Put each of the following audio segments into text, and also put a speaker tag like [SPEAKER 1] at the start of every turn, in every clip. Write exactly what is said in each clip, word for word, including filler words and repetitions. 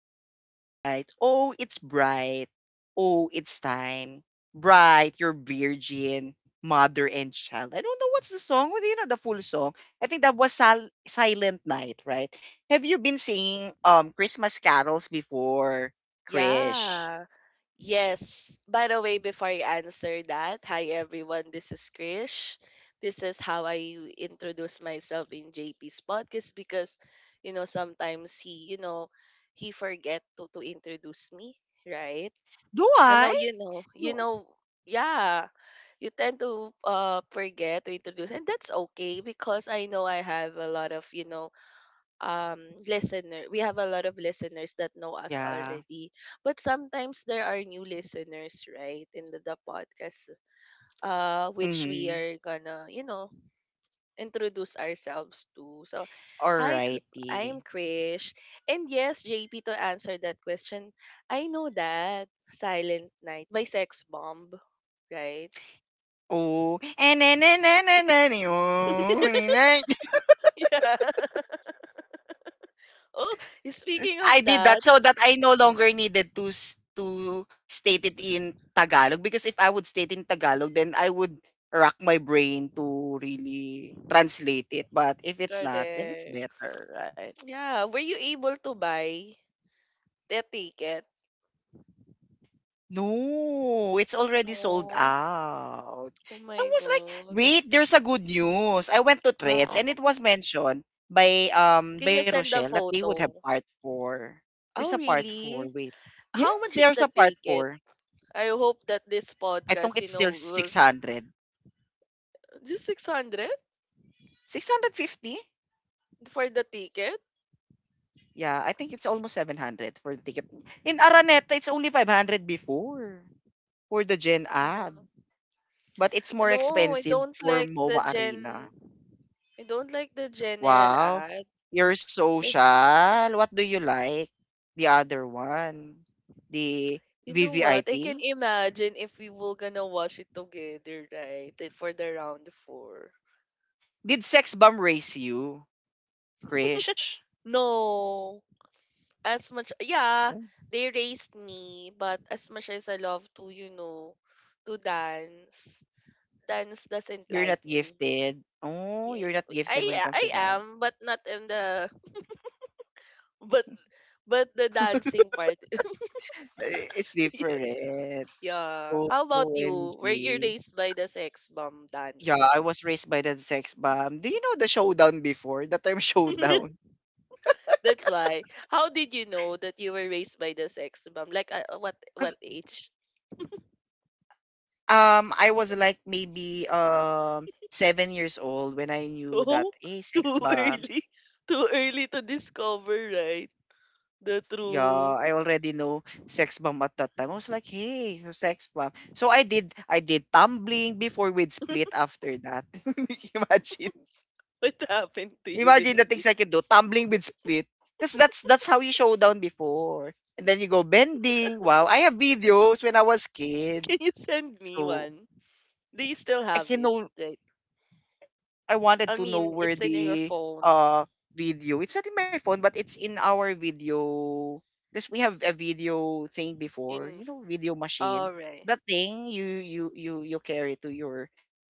[SPEAKER 1] Oh, holy night. Oh, it's bright. Oh, it's time. Bright, you're virgin, mother and child. I don't know what's the song. Do you know the full song? I think that was Sil- Silent Night, right? Have you been singing um Christmas carols before, Krish?
[SPEAKER 2] Yeah. Yes. By the way, before I answer that, hi everyone. This is Krish. This is how I introduce myself in J P's podcast because, you know, sometimes he, you know, he forget to, to introduce me, right?
[SPEAKER 1] Do
[SPEAKER 2] I know
[SPEAKER 1] I?
[SPEAKER 2] you know, you
[SPEAKER 1] Do-
[SPEAKER 2] know, yeah, you tend to uh forget to introduce, and that's okay because I know I have a lot of, you know, um listener. We have a lot of listeners that know us
[SPEAKER 1] yeah.
[SPEAKER 2] already, but sometimes there are new listeners right in the, the podcast, uh which we
[SPEAKER 1] Mm-hmm.
[SPEAKER 2] are gonna, you know introduce ourselves to. So hi, Kr- I
[SPEAKER 1] Alrighty.
[SPEAKER 2] am Krish. And yes, JP, to answer that question, I know that Silent Night by Sex Bomb, right?
[SPEAKER 1] Oh, and then
[SPEAKER 2] Yeah. Oh, speaking
[SPEAKER 1] I
[SPEAKER 2] of
[SPEAKER 1] did that
[SPEAKER 2] that.
[SPEAKER 1] so that I no longer needed to s- to state it in Tagalog, because if I would state in Tagalog then I would rack my brain to really translate it. But if it's not, then it's
[SPEAKER 2] Correct.
[SPEAKER 1] better, right?
[SPEAKER 2] Yeah, were you able to buy the ticket?
[SPEAKER 1] No, it's already sold
[SPEAKER 2] No.
[SPEAKER 1] out.
[SPEAKER 2] Oh
[SPEAKER 1] I
[SPEAKER 2] my
[SPEAKER 1] was like,
[SPEAKER 2] God.
[SPEAKER 1] wait, there's a good news. I went to Threads and
[SPEAKER 2] Wow.
[SPEAKER 1] it was mentioned by um
[SPEAKER 2] Can you
[SPEAKER 1] by
[SPEAKER 2] send a
[SPEAKER 1] Rochelle that they would have
[SPEAKER 2] photo?
[SPEAKER 1] part four. There's a
[SPEAKER 2] Oh,
[SPEAKER 1] part four,
[SPEAKER 2] really?
[SPEAKER 1] wait. Yes,
[SPEAKER 2] How much is
[SPEAKER 1] there's
[SPEAKER 2] the
[SPEAKER 1] a part
[SPEAKER 2] ticket?
[SPEAKER 1] four.
[SPEAKER 2] I hope that this
[SPEAKER 1] I think
[SPEAKER 2] podcast, you
[SPEAKER 1] it's
[SPEAKER 2] know,
[SPEAKER 1] still
[SPEAKER 2] will
[SPEAKER 1] six hundred.
[SPEAKER 2] just six hundred
[SPEAKER 1] six hundred fifty?
[SPEAKER 2] for the ticket.
[SPEAKER 1] Yeah, I think it's almost seven hundred for the ticket. In Araneta, it's only five hundred before for the Gen ad.
[SPEAKER 2] Mhm.
[SPEAKER 1] But it's more
[SPEAKER 2] No, I
[SPEAKER 1] expensive
[SPEAKER 2] don't
[SPEAKER 1] for
[SPEAKER 2] like the
[SPEAKER 1] MoMA Arena.
[SPEAKER 2] gen. I don't like the general
[SPEAKER 1] Wow.
[SPEAKER 2] ad.
[SPEAKER 1] You're
[SPEAKER 2] Cause
[SPEAKER 1] social. What do you like? The other one. The
[SPEAKER 2] you know what? I can
[SPEAKER 1] V V I P.
[SPEAKER 2] imagine if we were gonna watch it together, right? Like, for the round four.
[SPEAKER 1] Did Sex Bomb raise you, Krish?
[SPEAKER 2] No, as much, yeah,
[SPEAKER 1] Oh,
[SPEAKER 2] they raised me, but as much as I love to, you know to dance, dance doesn't
[SPEAKER 1] you're
[SPEAKER 2] like
[SPEAKER 1] not
[SPEAKER 2] me.
[SPEAKER 1] gifted. Oh,
[SPEAKER 2] Yeah,
[SPEAKER 1] you're not
[SPEAKER 2] i
[SPEAKER 1] gifted when it comes
[SPEAKER 2] i
[SPEAKER 1] to that.
[SPEAKER 2] am, but not in the but but the dancing part.
[SPEAKER 1] It's different.
[SPEAKER 2] Yeah, how about you, were you
[SPEAKER 1] O M G.
[SPEAKER 2] raised by the Sex Bomb
[SPEAKER 1] Yeah, I
[SPEAKER 2] dancers?
[SPEAKER 1] was raised by the sex bomb. Do you know the showdown before? The term showdown?
[SPEAKER 2] That's why, how did you know that you were raised by the Sex Bomb, like, uh, uh, what what
[SPEAKER 1] Because
[SPEAKER 2] age?
[SPEAKER 1] um I was like maybe um seven years old when I knew that,
[SPEAKER 2] Oh,
[SPEAKER 1] hey, sex
[SPEAKER 2] too
[SPEAKER 1] bomb.
[SPEAKER 2] early, too early to discover, right? The
[SPEAKER 1] Yeah,
[SPEAKER 2] true.
[SPEAKER 1] I already know sex bomb at that time. I was like, hey, so sex bomb. So I did I did tumbling before we split after that. Imagine.
[SPEAKER 2] What happened to you when
[SPEAKER 1] Imagine the
[SPEAKER 2] you did?
[SPEAKER 1] things I can do. Tumbling with split. Because that's that's how you show down before. And then you go bending. Wow, I have videos when I was kid.
[SPEAKER 2] Can you send me
[SPEAKER 1] So
[SPEAKER 2] one? Do you still
[SPEAKER 1] I
[SPEAKER 2] have
[SPEAKER 1] can
[SPEAKER 2] it?
[SPEAKER 1] know,
[SPEAKER 2] Right.
[SPEAKER 1] I wanted
[SPEAKER 2] I
[SPEAKER 1] to know
[SPEAKER 2] mean,
[SPEAKER 1] where
[SPEAKER 2] it's in your
[SPEAKER 1] the
[SPEAKER 2] phone.
[SPEAKER 1] uh video. It's not in my phone, but it's in our video. Because we have a video thing before,
[SPEAKER 2] In,
[SPEAKER 1] you know, video machine.
[SPEAKER 2] alright.
[SPEAKER 1] That thing you you you you carry to your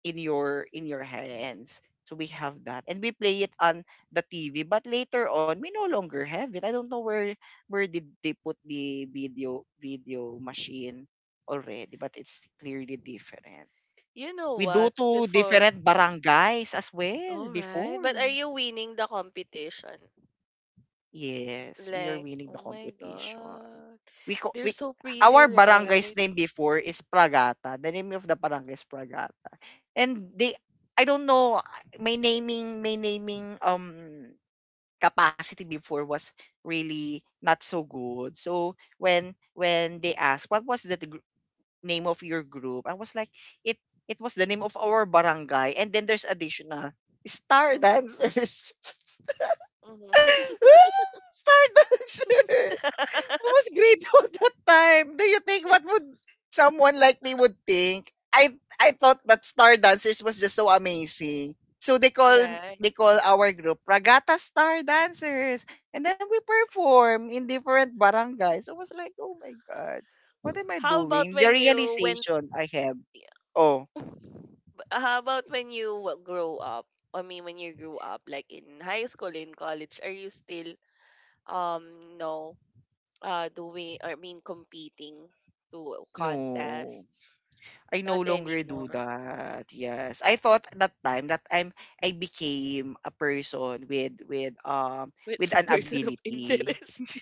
[SPEAKER 1] in your in your hands. So we have that, and we play it on the T V. But later on, we no longer have it. I don't know where where did they put the video video machine already, but it's clearly different.
[SPEAKER 2] You know
[SPEAKER 1] We do
[SPEAKER 2] what?
[SPEAKER 1] to
[SPEAKER 2] Before,
[SPEAKER 1] different barangays as well
[SPEAKER 2] alright. But are
[SPEAKER 1] before.
[SPEAKER 2] you winning the competition?
[SPEAKER 1] Yes, we are
[SPEAKER 2] Like,
[SPEAKER 1] winning the
[SPEAKER 2] oh my
[SPEAKER 1] competition.
[SPEAKER 2] God.
[SPEAKER 1] We co-
[SPEAKER 2] They're
[SPEAKER 1] we
[SPEAKER 2] so pretty,
[SPEAKER 1] our barangay's
[SPEAKER 2] right?
[SPEAKER 1] name before is Pragata. The name of the barangay is Pragata. And they, I don't know, my naming my naming um capacity before was really not so good. So when when they asked what was the gr- name of your group, I was like it it was the name of our barangay and then there's additional star
[SPEAKER 2] Mm-hmm.
[SPEAKER 1] dancers.
[SPEAKER 2] Mm-hmm.
[SPEAKER 1] Star dancers. I was great all that time. Do you think what would someone like me would think? I I thought that star dancers was just so amazing. So they call
[SPEAKER 2] Right.
[SPEAKER 1] they call our group Ragata Star Dancers. And then we perform in different barangays. So, I was like, oh my god, what am I
[SPEAKER 2] How about
[SPEAKER 1] doing? The
[SPEAKER 2] when you went.
[SPEAKER 1] realization I have. Oh
[SPEAKER 2] Uh, how about when you wa- grow up? I mean, when you grew up, like in high school, in college, are you still, um, no, uh, doing, or I mean, competing to
[SPEAKER 1] no.
[SPEAKER 2] contests?
[SPEAKER 1] I no
[SPEAKER 2] Not
[SPEAKER 1] longer do
[SPEAKER 2] anymore.
[SPEAKER 1] that. Yes. I thought that time that I'm I became a person with with um
[SPEAKER 2] But it's
[SPEAKER 1] with an
[SPEAKER 2] person of
[SPEAKER 1] ability.
[SPEAKER 2] interest.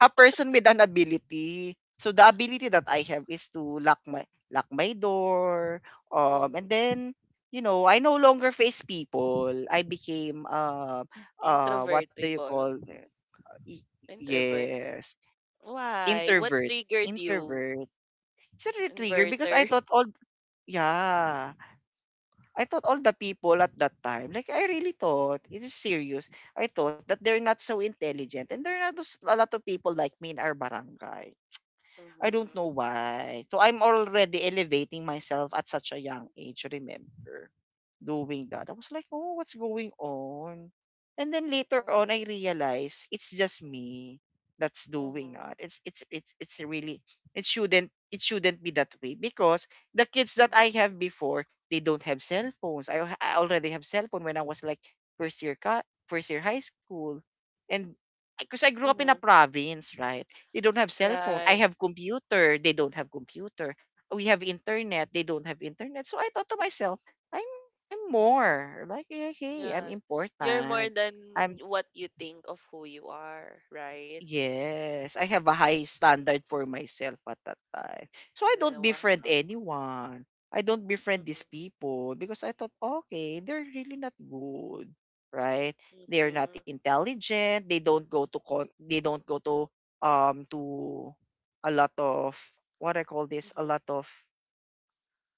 [SPEAKER 1] A person with an ability. So the ability that I have is to lock my lock my door. Um and
[SPEAKER 2] Mm-hmm.
[SPEAKER 1] then you know, I no longer face people. I became uh uh what do you call
[SPEAKER 2] Introvertible.
[SPEAKER 1] y-
[SPEAKER 2] Introvert.
[SPEAKER 1] yes,
[SPEAKER 2] Why? What
[SPEAKER 1] introvert.
[SPEAKER 2] triggered you?
[SPEAKER 1] Introvert. Is it a trigger because I
[SPEAKER 2] Inverter.
[SPEAKER 1] thought all yeah. I thought all the people at that time, like I really thought, it is serious. I thought that they're not so intelligent and there are not those- a lot of people like me in our barangay. I don't
[SPEAKER 2] Mm-hmm.
[SPEAKER 1] know why. So I'm already elevating myself at such a young age, remember, doing that. I was like, oh, what's going on? And then later on I realized it's just me that's
[SPEAKER 2] Mm-hmm.
[SPEAKER 1] doing that. It's
[SPEAKER 2] Mm-hmm.
[SPEAKER 1] it's it's it's really it shouldn't it shouldn't be that way because the kids that I
[SPEAKER 2] Mm-hmm.
[SPEAKER 1] have before, they don't have cell phones. I, al- I already have cell phone when I was like first year co- first year high school. And because I grew up in a
[SPEAKER 2] Mm-hmm.
[SPEAKER 1] province, right? They don't have cell phone. I
[SPEAKER 2] Right.
[SPEAKER 1] have computer. They don't have computer. We have internet. They don't have internet. So I thought to myself, I'm I'm more like, okay, I'm
[SPEAKER 2] Yeah. You're more
[SPEAKER 1] important.
[SPEAKER 2] than
[SPEAKER 1] I'm
[SPEAKER 2] what you think of who you are, right?
[SPEAKER 1] Yes, I have a high standard for myself at that time. So I don't
[SPEAKER 2] Yeah.
[SPEAKER 1] befriend
[SPEAKER 2] Wow.
[SPEAKER 1] anyone. I don't befriend these
[SPEAKER 2] Mm-hmm.
[SPEAKER 1] people because I thought, okay, they're really not good, right? They're not
[SPEAKER 2] Mm-hmm.
[SPEAKER 1] intelligent. They don't go to con- they don't go to um to a lot of what I call this, a
[SPEAKER 2] Mm-hmm.
[SPEAKER 1] lot of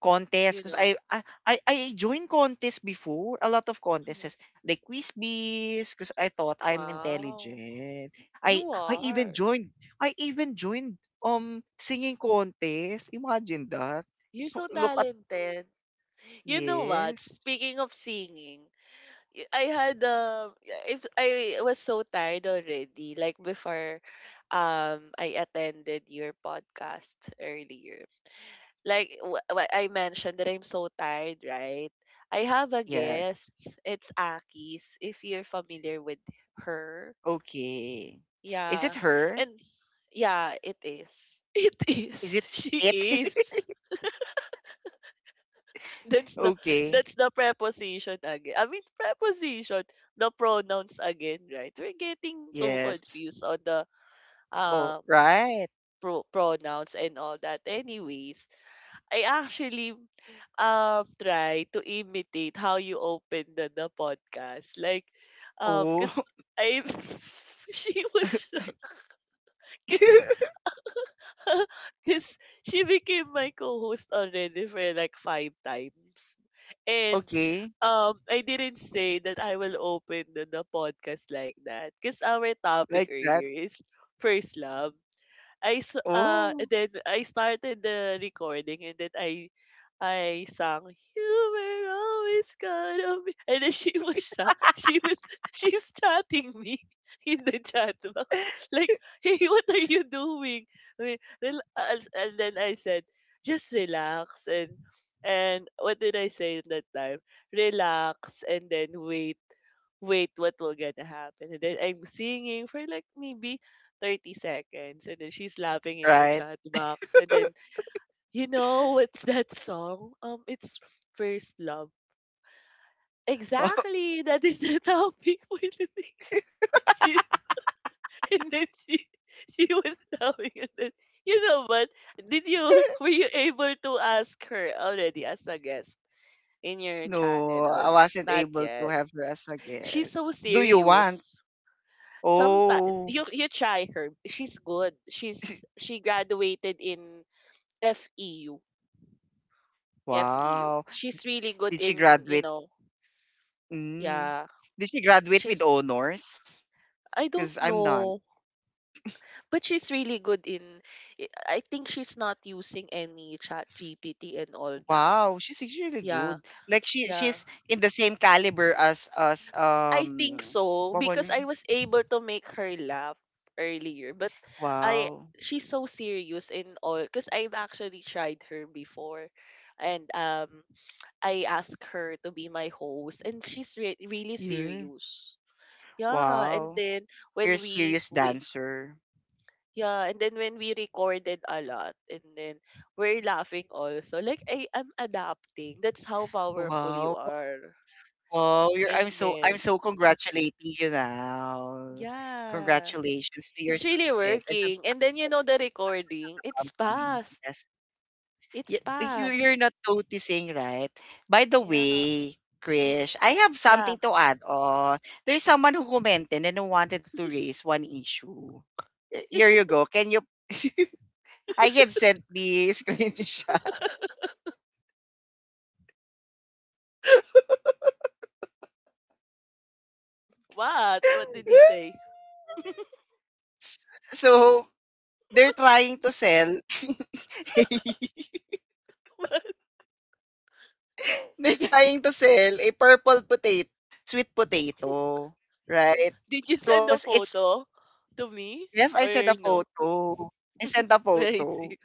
[SPEAKER 1] contest,
[SPEAKER 2] You
[SPEAKER 1] 'cause
[SPEAKER 2] know.
[SPEAKER 1] I I I I joined contest before, a lot of contests, yes.
[SPEAKER 2] Hmm.
[SPEAKER 1] Like quiz bees, cause I thought I'm
[SPEAKER 2] Wow.
[SPEAKER 1] intelligent. I
[SPEAKER 2] You
[SPEAKER 1] I even
[SPEAKER 2] are.
[SPEAKER 1] joined I even joined, um, singing contest, imagine that.
[SPEAKER 2] You're so
[SPEAKER 1] Look at
[SPEAKER 2] talented. You know what?
[SPEAKER 1] yes,
[SPEAKER 2] Speaking of singing, y- I had, um if I was so tired already, like before. um I attended your podcast earlier. Like wh- what I mentioned, that I'm so tired, right? I have a
[SPEAKER 1] yes,
[SPEAKER 2] guest. It's Akis. If you're familiar with her,
[SPEAKER 1] okay. Is it
[SPEAKER 2] yeah,
[SPEAKER 1] her?
[SPEAKER 2] and yeah, it is. It
[SPEAKER 1] Is
[SPEAKER 2] is.
[SPEAKER 1] it
[SPEAKER 2] She
[SPEAKER 1] it?
[SPEAKER 2] is. That's the
[SPEAKER 1] Okay,
[SPEAKER 2] that's the preposition again. I mean, preposition, the pronouns again, right? We're getting too
[SPEAKER 1] yes.
[SPEAKER 2] confused on the
[SPEAKER 1] Oh,
[SPEAKER 2] um
[SPEAKER 1] right.
[SPEAKER 2] pro- pronouns and all that. Anyways, I actually um try to imitate how you opened the, the podcast. Like, um,
[SPEAKER 1] Oh.
[SPEAKER 2] cause I she was shocked, cause, cause she became my co-host already for like five times, and
[SPEAKER 1] Okay,
[SPEAKER 2] um, I didn't say that I will open the, the podcast like that. Cause our
[SPEAKER 1] like
[SPEAKER 2] topic
[SPEAKER 1] that.
[SPEAKER 2] earlier is first love. I s uh, And
[SPEAKER 1] Oh,
[SPEAKER 2] then I started the recording, and then I I sang, "You were always gonna be," and then she was shocked. She was she's chatting me in the chat box, like, "Hey, what are you doing?" I mean, rel- uh, and then I said, "Just relax and." And what did I say at that time? Relax, and then wait wait, what will gonna happen? And then I'm singing for like maybe thirty seconds. And then she's laughing in the
[SPEAKER 1] right.
[SPEAKER 2] chat box. And then, you know, what's that song? Um, It's First Love.
[SPEAKER 1] Wow.
[SPEAKER 2] Exactly. That is the topic. We were thinking. she, and then she, she was laughing. And then, you know what? Did you, were you able to ask her already as a guest in your channel,
[SPEAKER 1] No,
[SPEAKER 2] or
[SPEAKER 1] I wasn't
[SPEAKER 2] not
[SPEAKER 1] able to
[SPEAKER 2] yet?
[SPEAKER 1] have her as a
[SPEAKER 2] She's
[SPEAKER 1] guest.
[SPEAKER 2] so
[SPEAKER 1] Do you want?
[SPEAKER 2] serious. Sometimes
[SPEAKER 1] Oh,
[SPEAKER 2] you you try her. She's good. She's she graduated in F E U. F E U.
[SPEAKER 1] wow.
[SPEAKER 2] She's really good
[SPEAKER 1] Did she
[SPEAKER 2] in, you
[SPEAKER 1] graduate?
[SPEAKER 2] know,
[SPEAKER 1] Mm.
[SPEAKER 2] yeah.
[SPEAKER 1] Did she graduate with
[SPEAKER 2] She's
[SPEAKER 1] honors?
[SPEAKER 2] I
[SPEAKER 1] Because
[SPEAKER 2] don't
[SPEAKER 1] I'm not.
[SPEAKER 2] know, but she's really good in I I think she's not using any chat G P T and all that.
[SPEAKER 1] Wow, she's really
[SPEAKER 2] Yeah.
[SPEAKER 1] good. Like she
[SPEAKER 2] Yeah.
[SPEAKER 1] she's in the same caliber as as
[SPEAKER 2] I think
[SPEAKER 1] um
[SPEAKER 2] so
[SPEAKER 1] what was
[SPEAKER 2] because
[SPEAKER 1] it?
[SPEAKER 2] I was able to make her laugh earlier, but I
[SPEAKER 1] Wow.
[SPEAKER 2] she's so serious in all because I've actually tried her before, and um I asked her to be my host, and she's re- really
[SPEAKER 1] Yeah.
[SPEAKER 2] serious. Yeah, and
[SPEAKER 1] Wow.
[SPEAKER 2] then
[SPEAKER 1] You're a
[SPEAKER 2] when we
[SPEAKER 1] serious
[SPEAKER 2] we
[SPEAKER 1] dancer.
[SPEAKER 2] yeah, and then when we recorded a lot, and then we're laughing also. Like I am adapting. That's how powerful you
[SPEAKER 1] Wow.
[SPEAKER 2] are
[SPEAKER 1] Oh, you're I'm
[SPEAKER 2] in
[SPEAKER 1] so I'm
[SPEAKER 2] men.
[SPEAKER 1] so congratulating you now.
[SPEAKER 2] Yeah,
[SPEAKER 1] Congratulations to your
[SPEAKER 2] it's really
[SPEAKER 1] success and to
[SPEAKER 2] working.
[SPEAKER 1] the
[SPEAKER 2] And then, you know the
[SPEAKER 1] success of
[SPEAKER 2] recording,
[SPEAKER 1] the
[SPEAKER 2] it's
[SPEAKER 1] company.
[SPEAKER 2] past.
[SPEAKER 1] Yes.
[SPEAKER 2] It's
[SPEAKER 1] Y- You,
[SPEAKER 2] past.
[SPEAKER 1] you're not noticing, right? By the
[SPEAKER 2] Yeah.
[SPEAKER 1] way,
[SPEAKER 2] Mm.
[SPEAKER 1] Krish, I have
[SPEAKER 2] Yeah.
[SPEAKER 1] something to add on. There's someone who commented and who wanted to raise one issue. Y- Here you go. Can you I have sent the screenshot.
[SPEAKER 2] What? What did he say?
[SPEAKER 1] so they're trying to sell They're trying to sell a purple potato, sweet potato, right?
[SPEAKER 2] Did you send
[SPEAKER 1] Because
[SPEAKER 2] a
[SPEAKER 1] it's,
[SPEAKER 2] photo to me
[SPEAKER 1] yes, I sent a
[SPEAKER 2] or no?
[SPEAKER 1] photo. I sent a
[SPEAKER 2] Let me
[SPEAKER 1] photo.
[SPEAKER 2] see.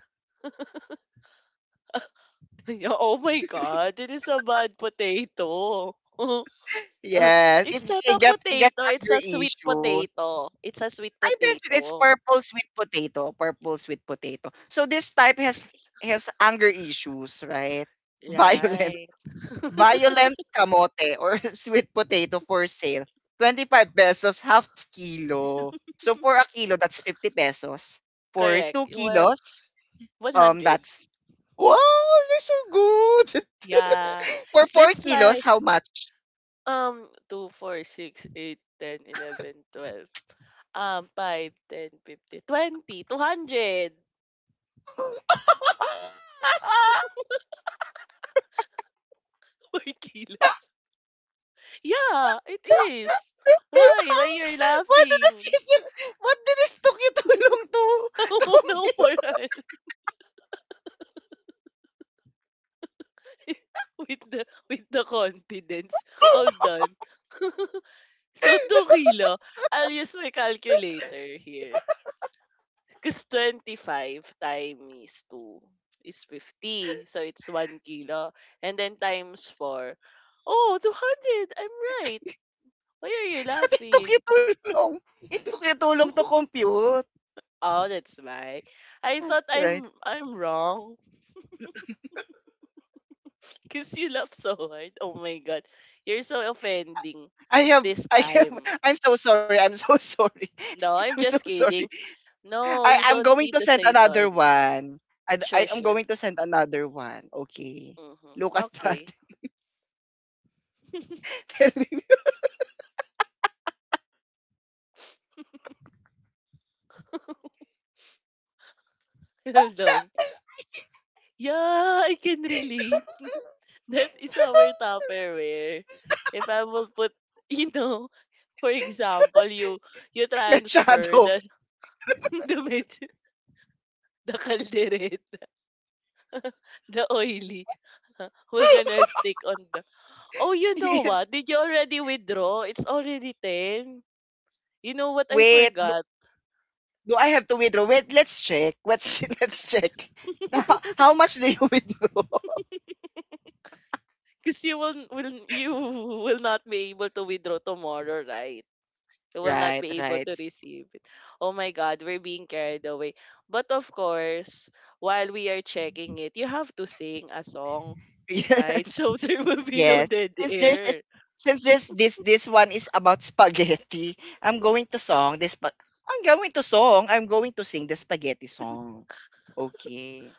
[SPEAKER 2] Oh my God, it is a bad potato. Uh,
[SPEAKER 1] Yes, it,
[SPEAKER 2] it's not
[SPEAKER 1] it
[SPEAKER 2] a
[SPEAKER 1] got, it got
[SPEAKER 2] potato, it's
[SPEAKER 1] anger
[SPEAKER 2] a sweet
[SPEAKER 1] issues.
[SPEAKER 2] potato. It's a sweet
[SPEAKER 1] I mentioned it's
[SPEAKER 2] potato.
[SPEAKER 1] purple sweet potato, purple sweet potato. So this type has, has anger issues, right? Violent
[SPEAKER 2] Right.
[SPEAKER 1] Violent kamote or sweet potato for sale, 25 pesos half kilo. So for a kilo, that's 50 pesos. For
[SPEAKER 2] Correct.
[SPEAKER 1] 2
[SPEAKER 2] Well,
[SPEAKER 1] kilos, um,
[SPEAKER 2] one hundred.
[SPEAKER 1] that's, wow, you're so good.
[SPEAKER 2] Yeah.
[SPEAKER 1] For 4
[SPEAKER 2] That's
[SPEAKER 1] kilos,
[SPEAKER 2] why,
[SPEAKER 1] how much?
[SPEAKER 2] um 2, 4, six, eight, ten, eleven, twelve. um five, ten, fifty, twenty, two hundred.
[SPEAKER 1] What
[SPEAKER 2] 4 kilos. Yeah, it is. Why? Why you're
[SPEAKER 1] did the
[SPEAKER 2] laughing?
[SPEAKER 1] you? What did it took you too long to, to,
[SPEAKER 2] Oh no,
[SPEAKER 1] compute?
[SPEAKER 2] Paran. with the with the confidence. Hold on. So two kilo. I'll use my calculator here. Cause twenty five times two is fifty. So it's one kilo. And then times four. Oh, two hundred. I'm right. Why are you
[SPEAKER 1] But it took you
[SPEAKER 2] laughing?
[SPEAKER 1] too long. It took you too long to compute.
[SPEAKER 2] Oh, that's why. I thought
[SPEAKER 1] Right.
[SPEAKER 2] I'm I'm wrong. Because you laugh so hard. Oh my God. You're so offending
[SPEAKER 1] I have
[SPEAKER 2] this
[SPEAKER 1] I have
[SPEAKER 2] time.
[SPEAKER 1] I'm so sorry. I'm so sorry.
[SPEAKER 2] No,
[SPEAKER 1] I'm
[SPEAKER 2] I'm
[SPEAKER 1] so
[SPEAKER 2] just
[SPEAKER 1] sorry.
[SPEAKER 2] kidding. No,
[SPEAKER 1] I
[SPEAKER 2] you
[SPEAKER 1] I'm
[SPEAKER 2] don't
[SPEAKER 1] going to
[SPEAKER 2] need to
[SPEAKER 1] send
[SPEAKER 2] say
[SPEAKER 1] another
[SPEAKER 2] sorry.
[SPEAKER 1] one. I
[SPEAKER 2] Sure,
[SPEAKER 1] I am
[SPEAKER 2] sure.
[SPEAKER 1] going to send another one. Okay.
[SPEAKER 2] Mm-hmm.
[SPEAKER 1] Look at that.
[SPEAKER 2] Okay.
[SPEAKER 1] Tell me.
[SPEAKER 2] Hold on. Yeah, I can relate. That is our Tupperware. If I will put, you know, for example, you you transfer
[SPEAKER 1] Machado.
[SPEAKER 2] the the med- the calderette, the oily, we're gonna stick on the. Oh, you know
[SPEAKER 1] Yes.
[SPEAKER 2] what? Did you already withdraw? It's already ten. You know what I
[SPEAKER 1] Wait. Do,
[SPEAKER 2] forgot?
[SPEAKER 1] do I have to withdraw? Wait, let's check. Let's let's check. Now, how much do you withdraw?
[SPEAKER 2] Because you will, will you will not be able to withdraw tomorrow, right? You will not
[SPEAKER 1] Right,
[SPEAKER 2] be able
[SPEAKER 1] right.
[SPEAKER 2] to receive it. Oh my God, we're being carried away. But of course, while we are checking it, you have to sing a song, right?
[SPEAKER 1] Yes.
[SPEAKER 2] So there will be no
[SPEAKER 1] Yes.
[SPEAKER 2] dead
[SPEAKER 1] Since there's this,
[SPEAKER 2] air.
[SPEAKER 1] since this this this one is about spaghetti, I'm going to song this spa- I'm going to song. I'm going to sing the spaghetti song. Okay.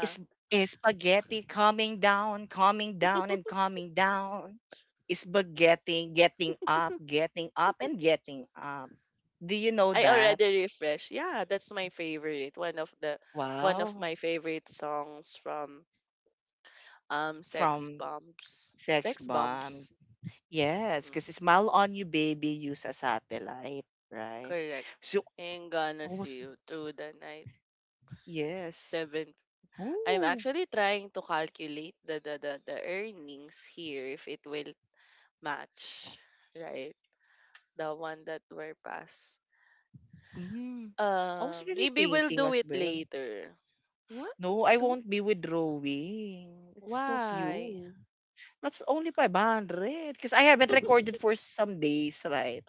[SPEAKER 1] Is is spaghetti coming down, coming down and coming down? Is spaghetti getting up, getting up and getting up? Do you know
[SPEAKER 2] I
[SPEAKER 1] that?
[SPEAKER 2] already refreshed. Yeah, that's my favorite. One of the one of
[SPEAKER 1] Wow.
[SPEAKER 2] my favorite songs from Um, sex
[SPEAKER 1] From
[SPEAKER 2] bombs.
[SPEAKER 1] Sex
[SPEAKER 2] Sex
[SPEAKER 1] Bomb.
[SPEAKER 2] bombs.
[SPEAKER 1] Yes,
[SPEAKER 2] Mm,
[SPEAKER 1] kasi smile on you baby use a satellite, right?
[SPEAKER 2] correct.
[SPEAKER 1] So
[SPEAKER 2] And gonna
[SPEAKER 1] I
[SPEAKER 2] see
[SPEAKER 1] was
[SPEAKER 2] you through the night.
[SPEAKER 1] yes.
[SPEAKER 2] Seven. I'm
[SPEAKER 1] Oh,
[SPEAKER 2] actually trying to calculate the, the, the, the earnings here if it will match, right? The one that were passed.
[SPEAKER 1] mm. I was
[SPEAKER 2] Uh,
[SPEAKER 1] really
[SPEAKER 2] maybe we'll
[SPEAKER 1] thinking
[SPEAKER 2] do
[SPEAKER 1] as
[SPEAKER 2] it
[SPEAKER 1] well.
[SPEAKER 2] later. What?
[SPEAKER 1] No, I
[SPEAKER 2] To?
[SPEAKER 1] won't be withdrawing. It's too
[SPEAKER 2] Why?
[SPEAKER 1] few. That's only five hundred because I haven't recorded for some days, right?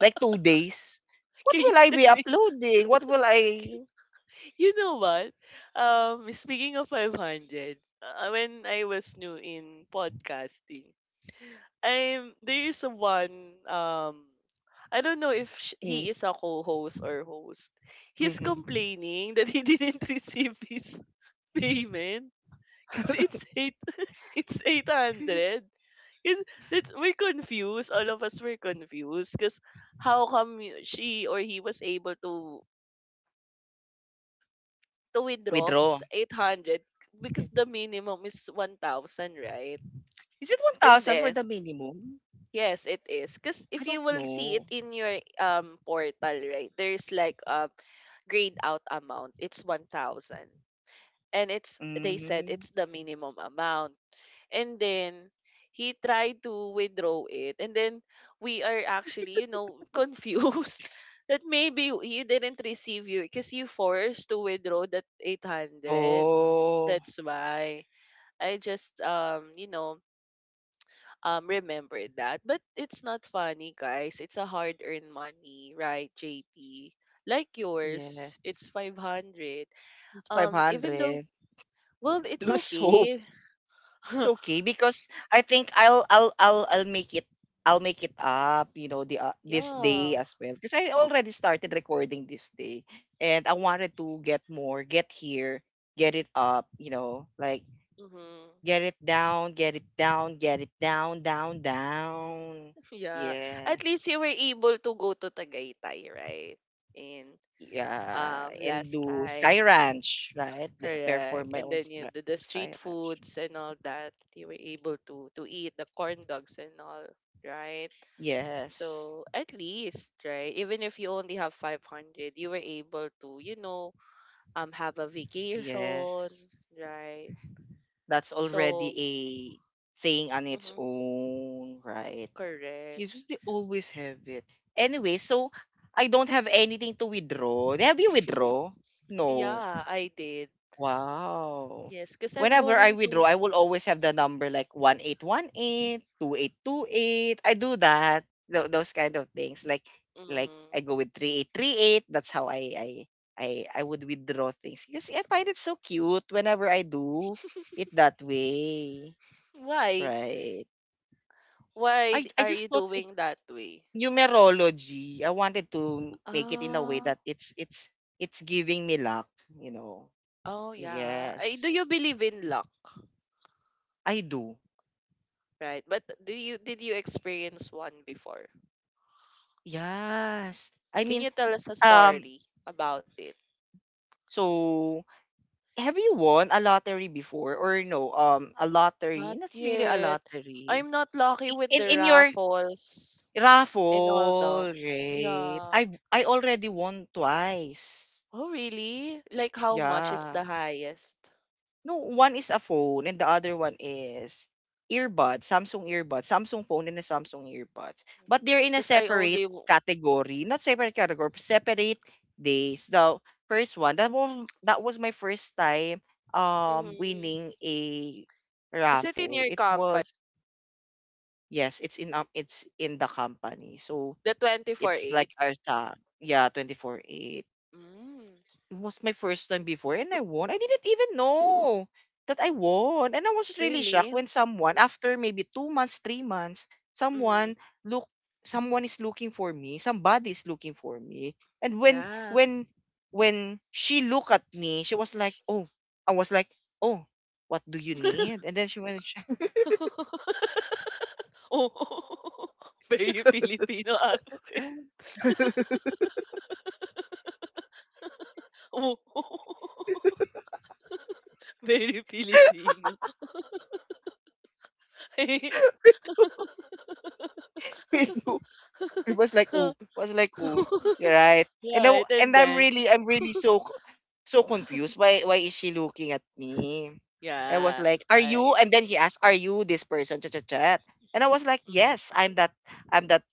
[SPEAKER 1] Like two days. What
[SPEAKER 2] Can you
[SPEAKER 1] will I
[SPEAKER 2] send
[SPEAKER 1] be
[SPEAKER 2] it?
[SPEAKER 1] uploading? What will I
[SPEAKER 2] You know what? Um, speaking of five hundred, uh, when I was new in podcasting, I'm there is a one um I don't know if sh- he
[SPEAKER 1] mm,
[SPEAKER 2] is a co-host or host. He's
[SPEAKER 1] mhm.
[SPEAKER 2] complaining that he didn't receive his payment because it's eight it's eight hundred. Is- that's, we're confused all of us were confused because how come y- she or he was able to to withdraw
[SPEAKER 1] withdraw?
[SPEAKER 2] the eight hundred, because the minimum is one thousand, right?
[SPEAKER 1] Is it
[SPEAKER 2] And
[SPEAKER 1] one thousand for
[SPEAKER 2] then,
[SPEAKER 1] the minimum?
[SPEAKER 2] yes, it is. Because
[SPEAKER 1] I
[SPEAKER 2] if
[SPEAKER 1] don't
[SPEAKER 2] you will see it
[SPEAKER 1] know.
[SPEAKER 2] in your um portal, right, there's like a grayed out amount. It's one thousand. And it's, they said
[SPEAKER 1] Mm-hmm.
[SPEAKER 2] it's the minimum amount, and then he tried to withdraw it, and then we are actually, you know confused, that maybe you didn't receive, you, because you forced to withdraw that eight hundred.
[SPEAKER 1] Oh,
[SPEAKER 2] That's why I just, um you know um remembered that. But it's not funny, guys, it's a hard earned money, right, JP? Like yours,
[SPEAKER 1] yes.
[SPEAKER 2] it's five hundred.
[SPEAKER 1] It's
[SPEAKER 2] Um even though,
[SPEAKER 1] five hundred.
[SPEAKER 2] well, it's
[SPEAKER 1] Lose hope.
[SPEAKER 2] okay.
[SPEAKER 1] It's okay because I think I'll I'll I'll I'll make it I'll make it up, you know, the uh, this day
[SPEAKER 2] Yeah.
[SPEAKER 1] as well because I already started recording this day and I wanted to get more, get here, get it up, you know, like
[SPEAKER 2] Hmm.
[SPEAKER 1] get it down, get it down, get it down, down, down.
[SPEAKER 2] Yeah. At
[SPEAKER 1] Yes.
[SPEAKER 2] least you were able to go to Tagaytay, right? In
[SPEAKER 1] Yeah,
[SPEAKER 2] um
[SPEAKER 1] and
[SPEAKER 2] Last
[SPEAKER 1] do
[SPEAKER 2] time.
[SPEAKER 1] Sky Ranch, right? The-
[SPEAKER 2] Correct.
[SPEAKER 1] Perform my
[SPEAKER 2] And
[SPEAKER 1] own
[SPEAKER 2] then you
[SPEAKER 1] Sky
[SPEAKER 2] the, the
[SPEAKER 1] Sky
[SPEAKER 2] street
[SPEAKER 1] Ranch.
[SPEAKER 2] foods and all that, you were able to to eat the corn dogs and all, right?
[SPEAKER 1] Yes.
[SPEAKER 2] So at least, right? Even if you only have five hundred, you were able to, you know, um have a vacation,
[SPEAKER 1] Yes.
[SPEAKER 2] right?
[SPEAKER 1] That's already
[SPEAKER 2] So,
[SPEAKER 1] a thing on its
[SPEAKER 2] mhm,
[SPEAKER 1] own, right? You
[SPEAKER 2] correct.
[SPEAKER 1] just they always have it. Anyway, so I don't have anything to withdraw. Have you withdraw? No.
[SPEAKER 2] Yeah, I did.
[SPEAKER 1] Wow.
[SPEAKER 2] Yes, because I'm
[SPEAKER 1] Whenever I
[SPEAKER 2] going
[SPEAKER 1] withdraw,
[SPEAKER 2] to.
[SPEAKER 1] I will always have the number like one eight one eight two eight two eight. I do that. Tho- Those kind of things. Like like
[SPEAKER 2] Mhm.
[SPEAKER 1] I go with three eight three eight. That's how I I I I would withdraw things because I find it so cute whenever I do it that way.
[SPEAKER 2] Why?
[SPEAKER 1] Right.
[SPEAKER 2] Why
[SPEAKER 1] I
[SPEAKER 2] d-
[SPEAKER 1] I
[SPEAKER 2] are
[SPEAKER 1] just
[SPEAKER 2] you
[SPEAKER 1] thought it's
[SPEAKER 2] doing that way?
[SPEAKER 1] numerology. I wanted to make it in a way
[SPEAKER 2] Oh,
[SPEAKER 1] that it's it's it's giving me luck, you know.
[SPEAKER 2] oh yeah. Ay, do you
[SPEAKER 1] Yes.
[SPEAKER 2] believe in luck,
[SPEAKER 1] I do.
[SPEAKER 2] right? But do you did you experience one before?
[SPEAKER 1] Yes. I
[SPEAKER 2] Can
[SPEAKER 1] mean,
[SPEAKER 2] you tell us a
[SPEAKER 1] um,
[SPEAKER 2] story about it?
[SPEAKER 1] so have you won a lottery before or no? Um, a lottery,
[SPEAKER 2] Not
[SPEAKER 1] not really a
[SPEAKER 2] yet.
[SPEAKER 1] lottery.
[SPEAKER 2] I'm not lucky
[SPEAKER 1] I-
[SPEAKER 2] with
[SPEAKER 1] In
[SPEAKER 2] the
[SPEAKER 1] in your
[SPEAKER 2] raffles and all them.
[SPEAKER 1] raffle, right?
[SPEAKER 2] Yeah.
[SPEAKER 1] I I already won twice.
[SPEAKER 2] Oh, really? Like how much is
[SPEAKER 1] Yeah.
[SPEAKER 2] the highest?
[SPEAKER 1] No, one is a phone and the other one is earbuds, Samsung earbuds, Samsung phone and a Samsung earbuds. But they're in a
[SPEAKER 2] Because I
[SPEAKER 1] separate
[SPEAKER 2] only.
[SPEAKER 1] category, not separate category, separate days. The first one, that was that was my first time um
[SPEAKER 2] Mm-hmm.
[SPEAKER 1] winning a
[SPEAKER 2] Is it in
[SPEAKER 1] raffle.
[SPEAKER 2] your
[SPEAKER 1] It
[SPEAKER 2] company?
[SPEAKER 1] was, yes, it's in um, it's in the company. So
[SPEAKER 2] The
[SPEAKER 1] it's
[SPEAKER 2] twenty four eight?
[SPEAKER 1] like our sa yeah, twenty four eight
[SPEAKER 2] Mm,
[SPEAKER 1] it was my first time before and I won. I didn't even know that I won. And I was really shocked
[SPEAKER 2] really?
[SPEAKER 1] when someone, after maybe two months, three months,
[SPEAKER 2] Mm-hmm.
[SPEAKER 1] someone look someone is looking for me. Somebody is looking for me. And when
[SPEAKER 2] Yeah.
[SPEAKER 1] when when she looked at me, she was like, "Oh," I was like, "Oh, what do you need?" And then she went
[SPEAKER 2] Oo. Very Filipino accent. Oo. Very Filipino.
[SPEAKER 1] it was like, "Oh," was like, "Oh, you're right." And I, w-
[SPEAKER 2] Right, and
[SPEAKER 1] and I'm
[SPEAKER 2] then
[SPEAKER 1] really, I'm really so so confused. Why why is she looking at me? I was
[SPEAKER 2] yeah,
[SPEAKER 1] like, "Are you?"
[SPEAKER 2] alright.
[SPEAKER 1] And then he asked, "Are you this person?" Chat chat chat. And I was like,
[SPEAKER 2] Mhm,
[SPEAKER 1] "Yes, I'm that I'm that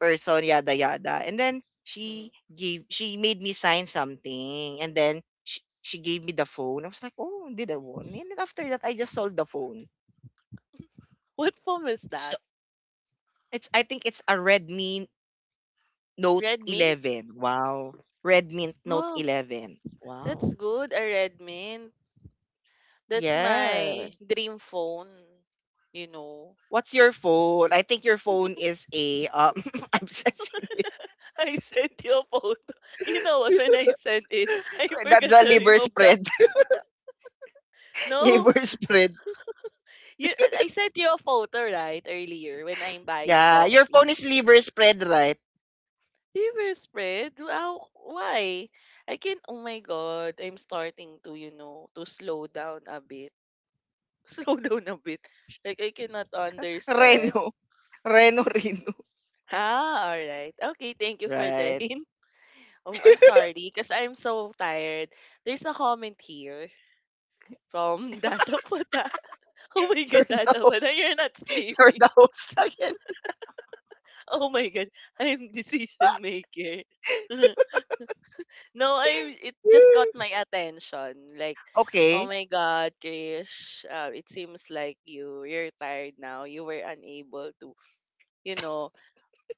[SPEAKER 1] person." Yada yada. And then
[SPEAKER 2] mhm.
[SPEAKER 1] she gave she made me sign something, and then she, she gave me the phone. I was like, "Oh, did I won?" And then after that, I just sold the phone.
[SPEAKER 2] What form is
[SPEAKER 1] So
[SPEAKER 2] that?
[SPEAKER 1] it's I think it's a Redmi Note
[SPEAKER 2] Red mint?
[SPEAKER 1] eleven. Wow, Redmi Note
[SPEAKER 2] Oh,
[SPEAKER 1] eleven.
[SPEAKER 2] that's
[SPEAKER 1] Wow.
[SPEAKER 2] good, a red mint. That's my
[SPEAKER 1] Yes.
[SPEAKER 2] dream phone, you know.
[SPEAKER 1] What's your phone? I think your phone is a um I've seen it.
[SPEAKER 2] I sent you a photo. You know what? When I sent it, I
[SPEAKER 1] That's
[SPEAKER 2] forgot
[SPEAKER 1] a
[SPEAKER 2] to
[SPEAKER 1] liver
[SPEAKER 2] remove the...
[SPEAKER 1] spread.
[SPEAKER 2] No,
[SPEAKER 1] liver spread.
[SPEAKER 2] you, I sent you a photo right earlier when I'm buying
[SPEAKER 1] Yeah, your phone
[SPEAKER 2] coffee.
[SPEAKER 1] is liver spread, right?
[SPEAKER 2] Liver spread? Wow, why? I can, oh my God, I'm starting to, you know, to slow down a bit. Slow down a bit. Like, I cannot understand.
[SPEAKER 1] Reno. Reno Reno.
[SPEAKER 2] Ah, all right. Okay, thank you for the
[SPEAKER 1] Right.
[SPEAKER 2] hint. Um, I'm sorry because I'm so tired. There's a comment here from Data Pata. Oh my
[SPEAKER 1] You're
[SPEAKER 2] God,
[SPEAKER 1] the
[SPEAKER 2] Data Pata,
[SPEAKER 1] host.
[SPEAKER 2] you're not
[SPEAKER 1] You're
[SPEAKER 2] sleeping.
[SPEAKER 1] the host again.
[SPEAKER 2] Oh my God, I'm decision maker. no, I, it just caught my attention. Like, oh
[SPEAKER 1] okay.
[SPEAKER 2] my God, Krish, uh, it seems like you you're tired now. You were unable to, you know,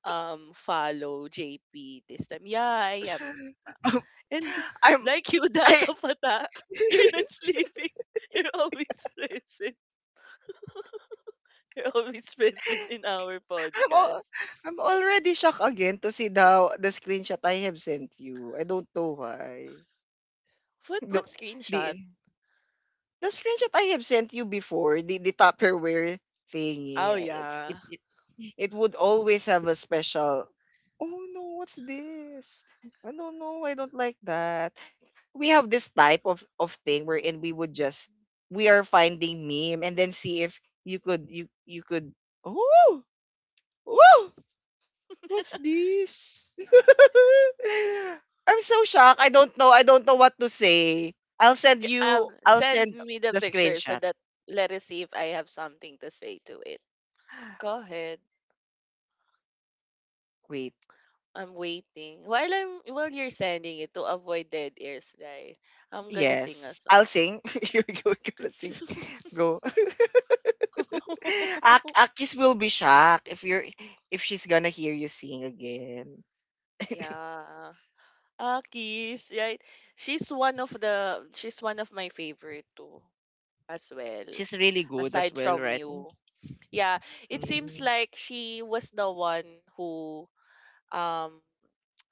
[SPEAKER 2] um, follow J P this time. Yeah, I am. And
[SPEAKER 1] I'm
[SPEAKER 2] like you,
[SPEAKER 1] I
[SPEAKER 2] Data Fata, you're not sleeping. You're always present. You're always present in our
[SPEAKER 1] I'm al-
[SPEAKER 2] podcast.
[SPEAKER 1] I'm already shocked again to see the the screenshot I have sent you. I don't know why.
[SPEAKER 2] What what
[SPEAKER 1] Don't,
[SPEAKER 2] screenshot?
[SPEAKER 1] the the screenshot I have sent you before, the, the Tupperware
[SPEAKER 2] Oh
[SPEAKER 1] thingy, uh, it's
[SPEAKER 2] yeah.
[SPEAKER 1] it, it it would always have a special. Oh no, what's this? I don't know. I don't like that. We have this type of of thing wherein we would just we are finding meme and then see if you could you you could. Oh, oh, what's this? I'm so shocked. I don't know. I don't know what to say. I'll send
[SPEAKER 2] K-
[SPEAKER 1] you.
[SPEAKER 2] Um,
[SPEAKER 1] I'll
[SPEAKER 2] send
[SPEAKER 1] send
[SPEAKER 2] me the
[SPEAKER 1] the
[SPEAKER 2] picture so
[SPEAKER 1] screenshot.
[SPEAKER 2] that let us see if I have something to say to it. Go ahead.
[SPEAKER 1] Wait.
[SPEAKER 2] I'm waiting. While I'm while you're sending it to avoid dead ears, right? I'm gonna sing a
[SPEAKER 1] Yes. I'll
[SPEAKER 2] song.
[SPEAKER 1] sing. You're gonna sing. Go. Ak Akis will be shocked if you're if she's gonna hear you sing again.
[SPEAKER 2] yeah. Akis, right? She's one of the she's one of my favorite too as well.
[SPEAKER 1] She's really good as
[SPEAKER 2] Aside
[SPEAKER 1] well,
[SPEAKER 2] from
[SPEAKER 1] right?
[SPEAKER 2] you. Yeah. It seems
[SPEAKER 1] Mm.
[SPEAKER 2] like she was the one who um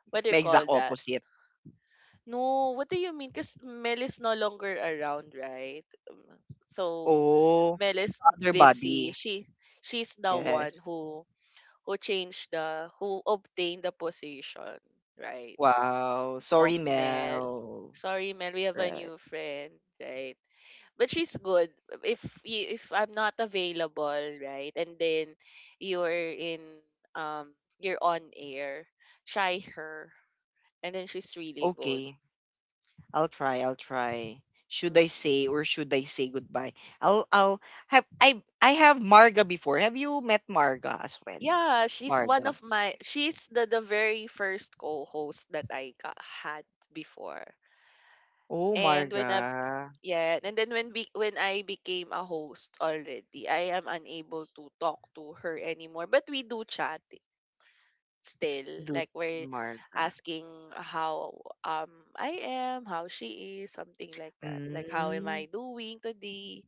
[SPEAKER 2] what do you
[SPEAKER 1] May exact
[SPEAKER 2] call that?
[SPEAKER 1] opposite.
[SPEAKER 2] No, what do you mean? Because Mel is no longer around, right? Um, So
[SPEAKER 1] Oh,
[SPEAKER 2] Mel is
[SPEAKER 1] other
[SPEAKER 2] busy.
[SPEAKER 1] body.
[SPEAKER 2] She she's the one
[SPEAKER 1] Yes.
[SPEAKER 2] who who changed the who obtained the position, right?
[SPEAKER 1] Wow. Sorry,
[SPEAKER 2] Of Mel.
[SPEAKER 1] Mel.
[SPEAKER 2] Sorry, Mel, we have a
[SPEAKER 1] Right.
[SPEAKER 2] new friend, right? But she's good. If y- if I'm not available, right? And then you're in um you're on air, try her. And then she's really good.
[SPEAKER 1] Okay. I'll try. I'll try. Should I
[SPEAKER 2] Mhm.
[SPEAKER 1] say or should I say goodbye? I'll I'll have I I have Marga before. Have you met Marga as well?
[SPEAKER 2] Yeah, she's one
[SPEAKER 1] Marga.
[SPEAKER 2] of my she's the the very first co-host that I got, had before.
[SPEAKER 1] Oh,
[SPEAKER 2] And when I
[SPEAKER 1] Marga.
[SPEAKER 2] Yeah, and then when be, when I became a host already, I am unable to talk to her anymore, but we do chat i- still
[SPEAKER 1] Dude,
[SPEAKER 2] Like we're
[SPEAKER 1] Marga.
[SPEAKER 2] asking how um I am, how she is, something like that. Like how am
[SPEAKER 1] Mm,
[SPEAKER 2] I doing today?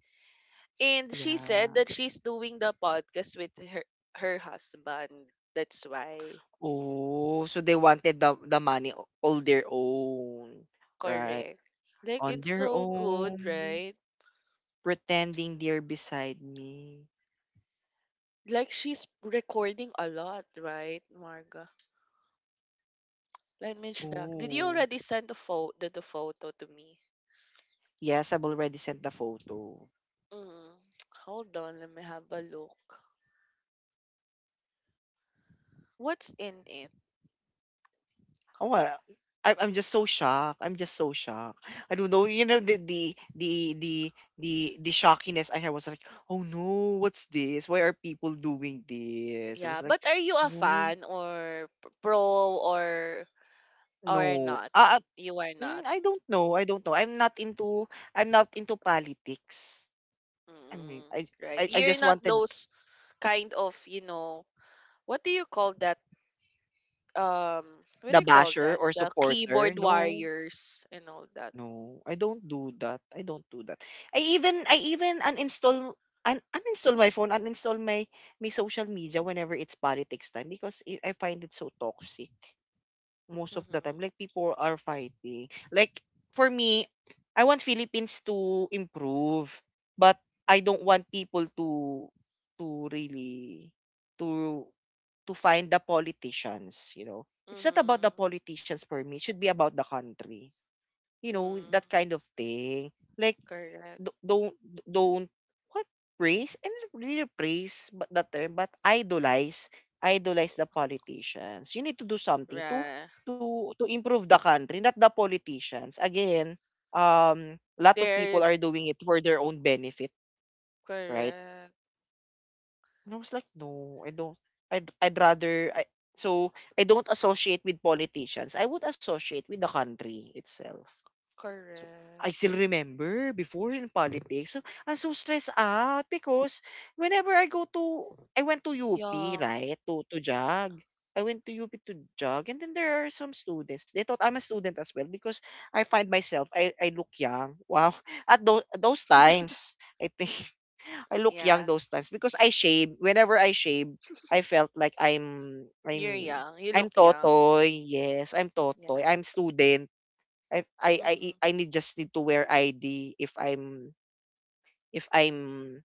[SPEAKER 2] And she said
[SPEAKER 1] yeah.
[SPEAKER 2] that she's doing the podcast with her her husband. That's why.
[SPEAKER 1] Oh, so they wanted the the money o- all their own, right?
[SPEAKER 2] Correct. Like
[SPEAKER 1] On
[SPEAKER 2] it's
[SPEAKER 1] their
[SPEAKER 2] so good,
[SPEAKER 1] own,
[SPEAKER 2] right?
[SPEAKER 1] pretending they're beside me.
[SPEAKER 2] Like she's recording a lot, right, Marga? Let me check. Did you
[SPEAKER 1] Oh,
[SPEAKER 2] already send the photo the, the photo to me?
[SPEAKER 1] yes, I've already sent the photo.
[SPEAKER 2] Mm, hold on, let me have a look. What's in it?
[SPEAKER 1] Oh, well, I'm I'm just so shocked. I'm just so shocked. I don't know. You know the the the the the the shockiness I had was like, oh no, what's this? Why are people doing this? I was
[SPEAKER 2] Yeah,
[SPEAKER 1] like,
[SPEAKER 2] but are you a
[SPEAKER 1] no,
[SPEAKER 2] fan, or p- pro or or
[SPEAKER 1] no.
[SPEAKER 2] not?
[SPEAKER 1] ah, ah,
[SPEAKER 2] You are
[SPEAKER 1] mm,
[SPEAKER 2] not.
[SPEAKER 1] I don't know. I don't know. I'm not into I'm not into politics. I mean,
[SPEAKER 2] Mm,
[SPEAKER 1] I
[SPEAKER 2] right.
[SPEAKER 1] I, I
[SPEAKER 2] You're
[SPEAKER 1] just
[SPEAKER 2] not
[SPEAKER 1] wanted
[SPEAKER 2] those kind of, you know, what do you call that um what do
[SPEAKER 1] the
[SPEAKER 2] you call
[SPEAKER 1] basher
[SPEAKER 2] that,
[SPEAKER 1] or
[SPEAKER 2] the
[SPEAKER 1] supporter.
[SPEAKER 2] keyboard
[SPEAKER 1] No.
[SPEAKER 2] warriors and all that.
[SPEAKER 1] No, I don't do that. I don't do that. I even I even uninstall un uninstall my phone, uninstall my my social media whenever it's politics time because it, I find it so toxic most of the time. Like
[SPEAKER 2] Mm-hmm.
[SPEAKER 1] people are fighting. Like for me, I want Philippines to improve, but I don't want people to to really to to find the politicians, you know. It's not about the
[SPEAKER 2] Mm-hmm.
[SPEAKER 1] politicians for me. It should be about the country, you know, that
[SPEAKER 2] Mm-hmm.
[SPEAKER 1] kind of thing. Like,
[SPEAKER 2] Correct.
[SPEAKER 1] d- don't, don't, what? Praise? And really praise but the term, but idolize, idolize the politicians. You need to do something to,
[SPEAKER 2] Right.
[SPEAKER 1] to, to improve the country, not the politicians. Again, um, a lot of
[SPEAKER 2] They're...
[SPEAKER 1] people are doing it for their own benefit, right?
[SPEAKER 2] Correct.
[SPEAKER 1] And I was like, no, I don't, I'd, I'd rather, I, so I don't associate with politicians. I would associate with the country itself. So
[SPEAKER 2] Correct.
[SPEAKER 1] I still remember before in politics, so I'm so stressed out because whenever I go to, I went to U P,
[SPEAKER 2] Yeah,
[SPEAKER 1] right, to, to jog. I went to U P to jog, and then there are some students. They thought I'm a student as well because I find myself, I, I look young. Wow. At those, those times, I think I look young
[SPEAKER 2] yeah,
[SPEAKER 1] those times because I shave. Whenever I shave, I felt like I'm,
[SPEAKER 2] you're
[SPEAKER 1] I'm,
[SPEAKER 2] young, you
[SPEAKER 1] I'm
[SPEAKER 2] look young.
[SPEAKER 1] Totoy. Yes, I'm Totoy.
[SPEAKER 2] Yeah.
[SPEAKER 1] I'm student I I I e-
[SPEAKER 2] Mm-hmm.
[SPEAKER 1] I need just need to wear I D if I'm if I'm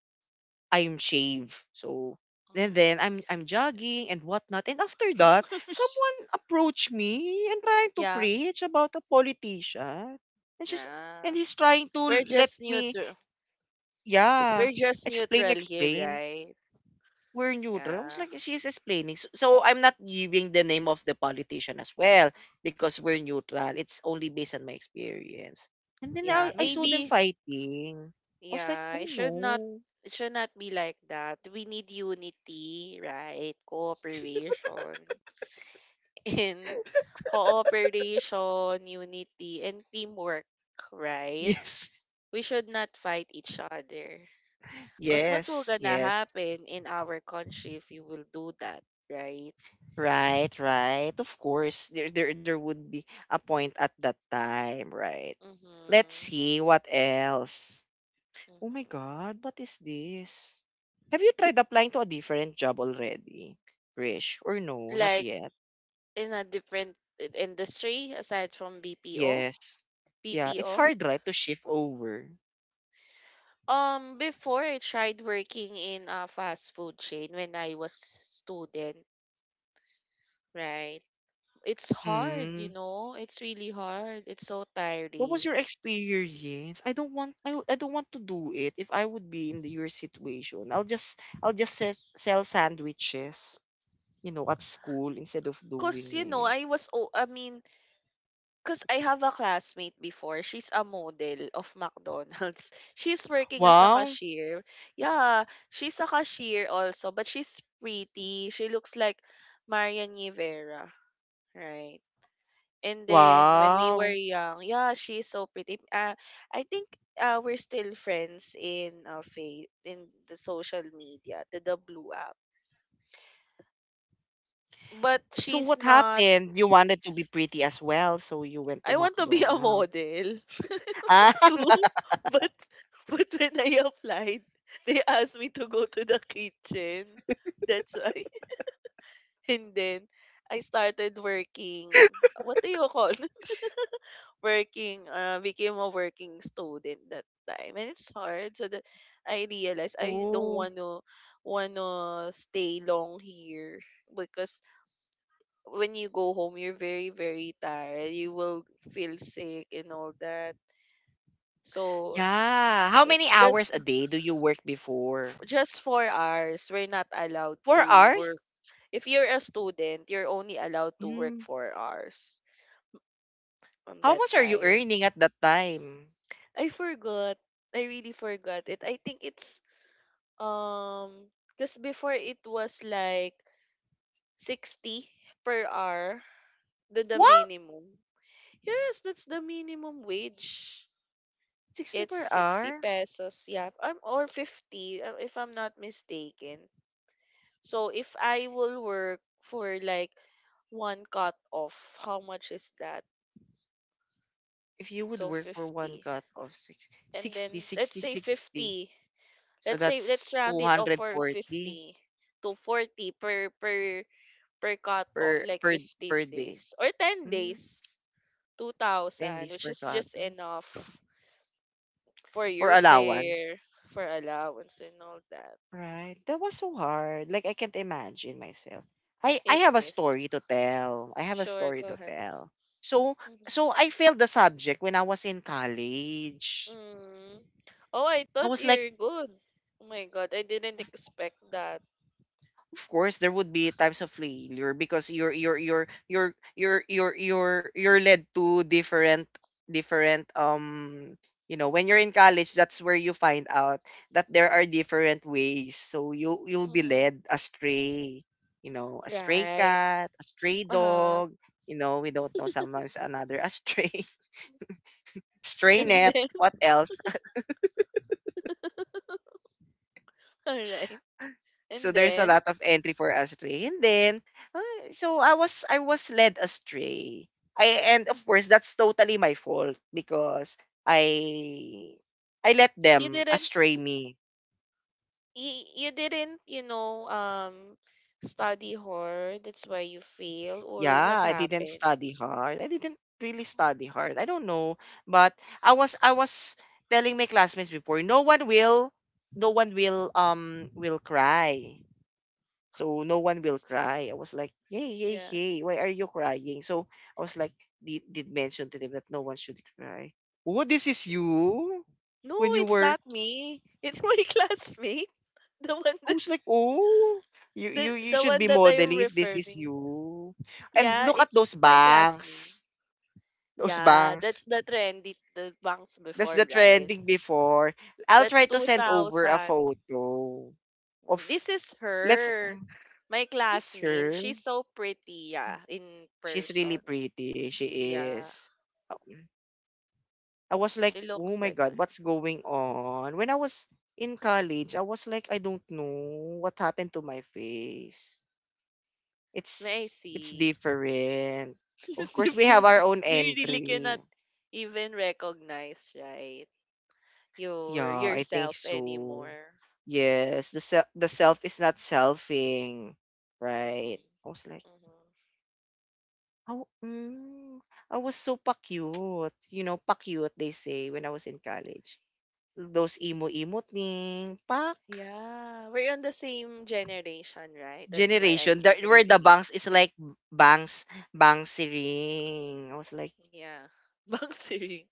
[SPEAKER 1] I'm shave. So then then
[SPEAKER 2] Mm-hmm.
[SPEAKER 1] I'm I'm jogging and whatnot. And after that,
[SPEAKER 2] Yeah.
[SPEAKER 1] someone approached me and trying to
[SPEAKER 2] Yeah.
[SPEAKER 1] preach about a politician. And she's and
[SPEAKER 2] Yeah.
[SPEAKER 1] he's trying to
[SPEAKER 2] We're
[SPEAKER 1] let
[SPEAKER 2] just
[SPEAKER 1] me,
[SPEAKER 2] neutral,
[SPEAKER 1] yeah,
[SPEAKER 2] we're just
[SPEAKER 1] explain
[SPEAKER 2] neutral here,
[SPEAKER 1] explain.
[SPEAKER 2] right?
[SPEAKER 1] We're neutral. I was
[SPEAKER 2] Yeah.
[SPEAKER 1] like, she's explaining. So, so I'm not giving the name of the politician as well because we're neutral. It's only based on my experience. And then
[SPEAKER 2] Yeah,
[SPEAKER 1] I, I saw them
[SPEAKER 2] maybe.
[SPEAKER 1] fighting. I was like,
[SPEAKER 2] Yeah, it
[SPEAKER 1] oh
[SPEAKER 2] should not,
[SPEAKER 1] no.
[SPEAKER 2] it should not be like that. We need unity, right? Cooperation and cooperation, unity and teamwork, right?
[SPEAKER 1] Yes.
[SPEAKER 2] We should not fight each other. Cause what will
[SPEAKER 1] Yes.
[SPEAKER 2] gonna
[SPEAKER 1] Yes.
[SPEAKER 2] happen in our country if you will do that, right?
[SPEAKER 1] Right, right. Of course. There there there would be a point at that time, right? Let's
[SPEAKER 2] Mm-hmm.
[SPEAKER 1] see what else. Oh my
[SPEAKER 2] Mm-hmm.
[SPEAKER 1] God, what is this? Have you tried applying to a different job already, Krish? Or no, not
[SPEAKER 2] Like
[SPEAKER 1] yet?
[SPEAKER 2] in a different i- industry aside from B P O,
[SPEAKER 1] Yes. Yeah, it's
[SPEAKER 2] B P O.
[SPEAKER 1] hard, right, to shift over.
[SPEAKER 2] Um, before I tried working in a fast food chain when I was student, right? It's hard, you
[SPEAKER 1] Mm.
[SPEAKER 2] know. It's really hard. It's so
[SPEAKER 1] What was your
[SPEAKER 2] tiring.
[SPEAKER 1] experience? I don't want I, w- I don't want to do it. If I would be in the, your situation, I'll just I'll just se- sell sandwiches, you know, at school instead of
[SPEAKER 2] Cause you
[SPEAKER 1] doing
[SPEAKER 2] know,
[SPEAKER 1] it.
[SPEAKER 2] I was oh, I mean, cause I have a classmate before. She's a model of McDonald's. She's working as a
[SPEAKER 1] Wow.
[SPEAKER 2] cashier. Yeah, she's a cashier also, but she's pretty. She looks like Marian Rivera, right? And then when we were
[SPEAKER 1] Wow.
[SPEAKER 2] young, yeah, she's so pretty. Uh, I think uh, We're still friends in uh, fa- in the social media, the, the blue app. But
[SPEAKER 1] So
[SPEAKER 2] she's
[SPEAKER 1] what
[SPEAKER 2] not.
[SPEAKER 1] happened? You wanted to be pretty as well, so you went to
[SPEAKER 2] I want to be a
[SPEAKER 1] McDonald's.
[SPEAKER 2] model
[SPEAKER 1] Ah,
[SPEAKER 2] too, but but when I applied, they asked me to go to the kitchen. That's why. And then I started working. What do you call Working, uh became a working student that time, and it's hard, so that I realized I don't
[SPEAKER 1] Ooh.
[SPEAKER 2] want to want to stay long here because when you go home you're very, very tired, you will feel sick and all that. So
[SPEAKER 1] Yeah. How many
[SPEAKER 2] that's that's
[SPEAKER 1] hours a day do you work before?
[SPEAKER 2] just four hours, we're not allowed
[SPEAKER 1] Four
[SPEAKER 2] to
[SPEAKER 1] hours?
[SPEAKER 2] work. If you're a student you're only allowed to work
[SPEAKER 1] Mm.
[SPEAKER 2] four hours on
[SPEAKER 1] How
[SPEAKER 2] that
[SPEAKER 1] much are you
[SPEAKER 2] time.
[SPEAKER 1] earning at that time?
[SPEAKER 2] I forgot, I really forgot it. I think it's... Um, because before it was like sixty per hour, the, the
[SPEAKER 1] What?
[SPEAKER 2] minimum. Yes, that's the minimum wage.
[SPEAKER 1] sixty
[SPEAKER 2] It's
[SPEAKER 1] per
[SPEAKER 2] sixty
[SPEAKER 1] hour?
[SPEAKER 2] pesos, yeah. Um, or fifty, uh, if I'm not mistaken. So if I will work for like one cut off, how much is that?
[SPEAKER 1] If you would
[SPEAKER 2] So
[SPEAKER 1] work for one
[SPEAKER 2] fifty.
[SPEAKER 1] cut of six
[SPEAKER 2] And
[SPEAKER 1] sixty
[SPEAKER 2] then let's
[SPEAKER 1] sixty
[SPEAKER 2] say
[SPEAKER 1] sixty,
[SPEAKER 2] fifty.
[SPEAKER 1] so
[SPEAKER 2] Let's say
[SPEAKER 1] that's
[SPEAKER 2] let's round it off for
[SPEAKER 1] two hundred forty
[SPEAKER 2] fifty to forty per per per cut off,
[SPEAKER 1] per
[SPEAKER 2] like
[SPEAKER 1] per
[SPEAKER 2] fifteen
[SPEAKER 1] per day.
[SPEAKER 2] days or ten
[SPEAKER 1] Mm.
[SPEAKER 2] days.
[SPEAKER 1] ten
[SPEAKER 2] two thousand,
[SPEAKER 1] days
[SPEAKER 2] which
[SPEAKER 1] per
[SPEAKER 2] is
[SPEAKER 1] cut.
[SPEAKER 2] just
[SPEAKER 1] mm,
[SPEAKER 2] enough for
[SPEAKER 1] For
[SPEAKER 2] your
[SPEAKER 1] allowance.
[SPEAKER 2] fare, for allowance and all that.
[SPEAKER 1] Right. That was so hard. Like I can't imagine myself. I I
[SPEAKER 2] It
[SPEAKER 1] have a
[SPEAKER 2] is.
[SPEAKER 1] story to tell. I have a
[SPEAKER 2] Sure,
[SPEAKER 1] story
[SPEAKER 2] go
[SPEAKER 1] to
[SPEAKER 2] ahead.
[SPEAKER 1] tell. So
[SPEAKER 2] Mhm.
[SPEAKER 1] so I failed the subject when I was in college.
[SPEAKER 2] Mm. Oh, I
[SPEAKER 1] I
[SPEAKER 2] thought
[SPEAKER 1] was like,
[SPEAKER 2] you're good. Oh my God, I didn't expect that.
[SPEAKER 1] of course there would be times of failure because you're you're you're you're you're you're you're you're led to different different um you know, when you're in college, that's where you find out that there are different ways, so you you'll be
[SPEAKER 2] Hmm.
[SPEAKER 1] led astray, you know, a stray
[SPEAKER 2] Right.
[SPEAKER 1] cat, a stray
[SPEAKER 2] Uh-huh.
[SPEAKER 1] dog, you know, we don't know someone's another astray stray
[SPEAKER 2] And
[SPEAKER 1] net,
[SPEAKER 2] then
[SPEAKER 1] what else.
[SPEAKER 2] all right,
[SPEAKER 1] So
[SPEAKER 2] and
[SPEAKER 1] there's a
[SPEAKER 2] then...
[SPEAKER 1] lot of entry for astray. And then uh, so I was I was led astray. I And of
[SPEAKER 2] Mhm.
[SPEAKER 1] course that's totally my fault because I I let
[SPEAKER 2] You
[SPEAKER 1] them
[SPEAKER 2] didn't,
[SPEAKER 1] astray me.
[SPEAKER 2] you, you didn't, you know, um, study horror. That's why you fail, or
[SPEAKER 1] Yeah,
[SPEAKER 2] what
[SPEAKER 1] I didn't
[SPEAKER 2] happened?
[SPEAKER 1] study hard. I didn't really study hard. I don't know, but I was I was telling my classmates before, no one will no one will um will cry. So no one will cry. I was like, yay, yay,
[SPEAKER 2] Yeah.
[SPEAKER 1] yay. Why are you crying? So I was like, did, did mention to them that no one should cry. Oh, this is you when
[SPEAKER 2] No,
[SPEAKER 1] you
[SPEAKER 2] it's
[SPEAKER 1] were.
[SPEAKER 2] not me. It's my classmate. The one
[SPEAKER 1] I
[SPEAKER 2] that,
[SPEAKER 1] was like, oh, you you
[SPEAKER 2] the,
[SPEAKER 1] you
[SPEAKER 2] the
[SPEAKER 1] should
[SPEAKER 2] one
[SPEAKER 1] be
[SPEAKER 2] that I am
[SPEAKER 1] modeling if this is
[SPEAKER 2] referring.
[SPEAKER 1] you. And
[SPEAKER 2] Yeah,
[SPEAKER 1] look at
[SPEAKER 2] it's
[SPEAKER 1] those
[SPEAKER 2] my classmate.
[SPEAKER 1] bangs, those
[SPEAKER 2] Yeah, that's
[SPEAKER 1] bangs.
[SPEAKER 2] the trendy, the bangs
[SPEAKER 1] That's
[SPEAKER 2] before,
[SPEAKER 1] the
[SPEAKER 2] right?
[SPEAKER 1] trending before. I'll
[SPEAKER 2] That's
[SPEAKER 1] try to send over a
[SPEAKER 2] two thousand.
[SPEAKER 1] photo
[SPEAKER 2] Mm,
[SPEAKER 1] of
[SPEAKER 2] this is
[SPEAKER 1] let's.
[SPEAKER 2] her. My
[SPEAKER 1] Is
[SPEAKER 2] classmate.
[SPEAKER 1] her?
[SPEAKER 2] She's so pretty, yeah, in
[SPEAKER 1] She's really
[SPEAKER 2] person.
[SPEAKER 1] pretty. She
[SPEAKER 2] Yeah.
[SPEAKER 1] is. Oh. I was
[SPEAKER 2] She
[SPEAKER 1] like, oh
[SPEAKER 2] looks
[SPEAKER 1] my
[SPEAKER 2] like my...
[SPEAKER 1] God, what's going on? When I was in college, I was like, I don't know what happened to my face.
[SPEAKER 2] I
[SPEAKER 1] It's it's
[SPEAKER 2] see.
[SPEAKER 1] different. Of
[SPEAKER 2] It's
[SPEAKER 1] course, we have
[SPEAKER 2] different.
[SPEAKER 1] our own
[SPEAKER 2] You really
[SPEAKER 1] entry.
[SPEAKER 2] cannot even recognize, right? Your
[SPEAKER 1] Yeah, I think
[SPEAKER 2] yourself
[SPEAKER 1] so.
[SPEAKER 2] anymore.
[SPEAKER 1] Yes, the self the self is not selfing, right?
[SPEAKER 2] Mm-mm.
[SPEAKER 1] I was like,
[SPEAKER 2] Mm-hmm.
[SPEAKER 1] oh, mm, I was so pa-cute. You know, pa-cute, they say, when I was in college. Those emo-emo thing, pak.
[SPEAKER 2] Yeah, we're on the same generation, right? That's why I
[SPEAKER 1] Generation the,
[SPEAKER 2] can
[SPEAKER 1] where the
[SPEAKER 2] relate.
[SPEAKER 1] bangs is like bangs Banksy ring. I was like
[SPEAKER 2] Yeah, bangsiri.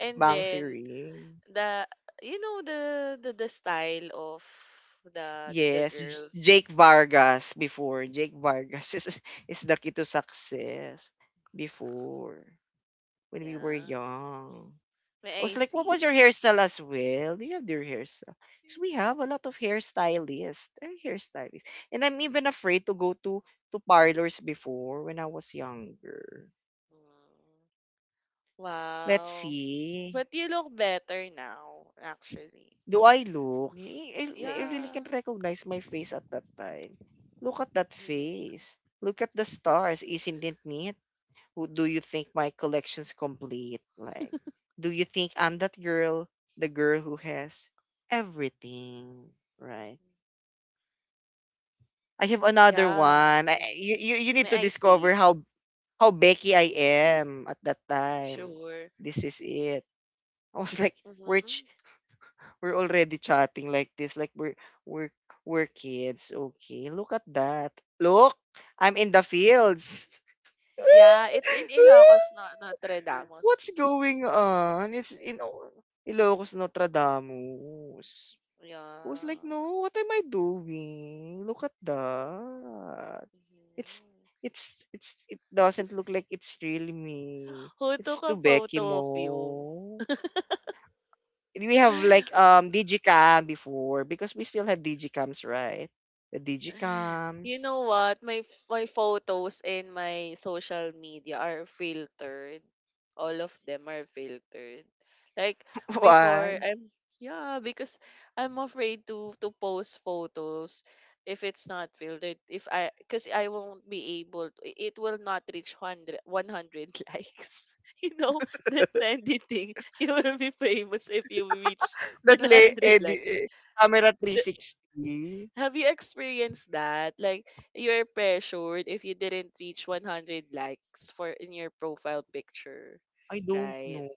[SPEAKER 2] And
[SPEAKER 1] Banksy
[SPEAKER 2] then
[SPEAKER 1] ring.
[SPEAKER 2] the, you know, the the, the style of the, the the
[SPEAKER 1] Yes, J- Jake
[SPEAKER 2] girls.
[SPEAKER 1] Vargas before. Jake Vargas is, is the key to success before when we were
[SPEAKER 2] Yeah,
[SPEAKER 1] young. I
[SPEAKER 2] may
[SPEAKER 1] was
[SPEAKER 2] I
[SPEAKER 1] like, what was your
[SPEAKER 2] see.
[SPEAKER 1] hairstyle as well? Do you have their hairstyle? Because we have a lot of hairstylists. They're hairstylists. And I'm even afraid to go to, to parlors before when I was younger.
[SPEAKER 2] Mm.
[SPEAKER 1] Let's
[SPEAKER 2] Wow.
[SPEAKER 1] see.
[SPEAKER 2] But you look better now, actually.
[SPEAKER 1] Do I look? I I I really can't
[SPEAKER 2] Yeah.
[SPEAKER 1] recognize my face at that time. Look at that
[SPEAKER 2] Mm-hmm.
[SPEAKER 1] face. Look at the stars. Isn't it neat? Who do you think my collection's complete? Like, do you think I'm that girl, the girl who has everything, right? I have another
[SPEAKER 2] Yeah.
[SPEAKER 1] one. I, I- you, you you need
[SPEAKER 2] May
[SPEAKER 1] to
[SPEAKER 2] I
[SPEAKER 1] discover
[SPEAKER 2] see.
[SPEAKER 1] how how Becky I am at that time.
[SPEAKER 2] Sure.
[SPEAKER 1] This is it. I was like, where
[SPEAKER 2] Mm-hmm.
[SPEAKER 1] we're already chatting like this, like we're we're we're kids. Okay, look at that. Look, I'm in the
[SPEAKER 2] Oh,
[SPEAKER 1] fields.
[SPEAKER 2] yeah. It's in Ilocos, not Notre
[SPEAKER 1] What's
[SPEAKER 2] Damos.
[SPEAKER 1] going on? It's in O- Ilocos Nostradamus. I was
[SPEAKER 2] Yeah.
[SPEAKER 1] like, no, what am I doing? Look at that. It's
[SPEAKER 2] Mhm.
[SPEAKER 1] it's it's it doesn't look like it's really me.
[SPEAKER 2] Who took
[SPEAKER 1] It's to
[SPEAKER 2] a
[SPEAKER 1] Becky
[SPEAKER 2] photo of you?
[SPEAKER 1] Mo. We have like um digicam before because we still have digicams, right, the
[SPEAKER 2] You
[SPEAKER 1] digicams.
[SPEAKER 2] know what? My f- my photos in my social media are filtered. All of them are filtered. Like
[SPEAKER 1] Why
[SPEAKER 2] before, I'm yeah, because I'm afraid to to post photos if it's not filtered. If I Because I won't be able to, it will not reach hundred one hundred likes. You know that trendy thing. You will be famous if you reach
[SPEAKER 1] that
[SPEAKER 2] one
[SPEAKER 1] lay, eh,
[SPEAKER 2] hundred likes.
[SPEAKER 1] di- eh, camera three sixty.
[SPEAKER 2] Have you experienced that? Like you're pressured if you didn't reach one hundred likes for in your profile picture,
[SPEAKER 1] I don't
[SPEAKER 2] right?
[SPEAKER 1] know.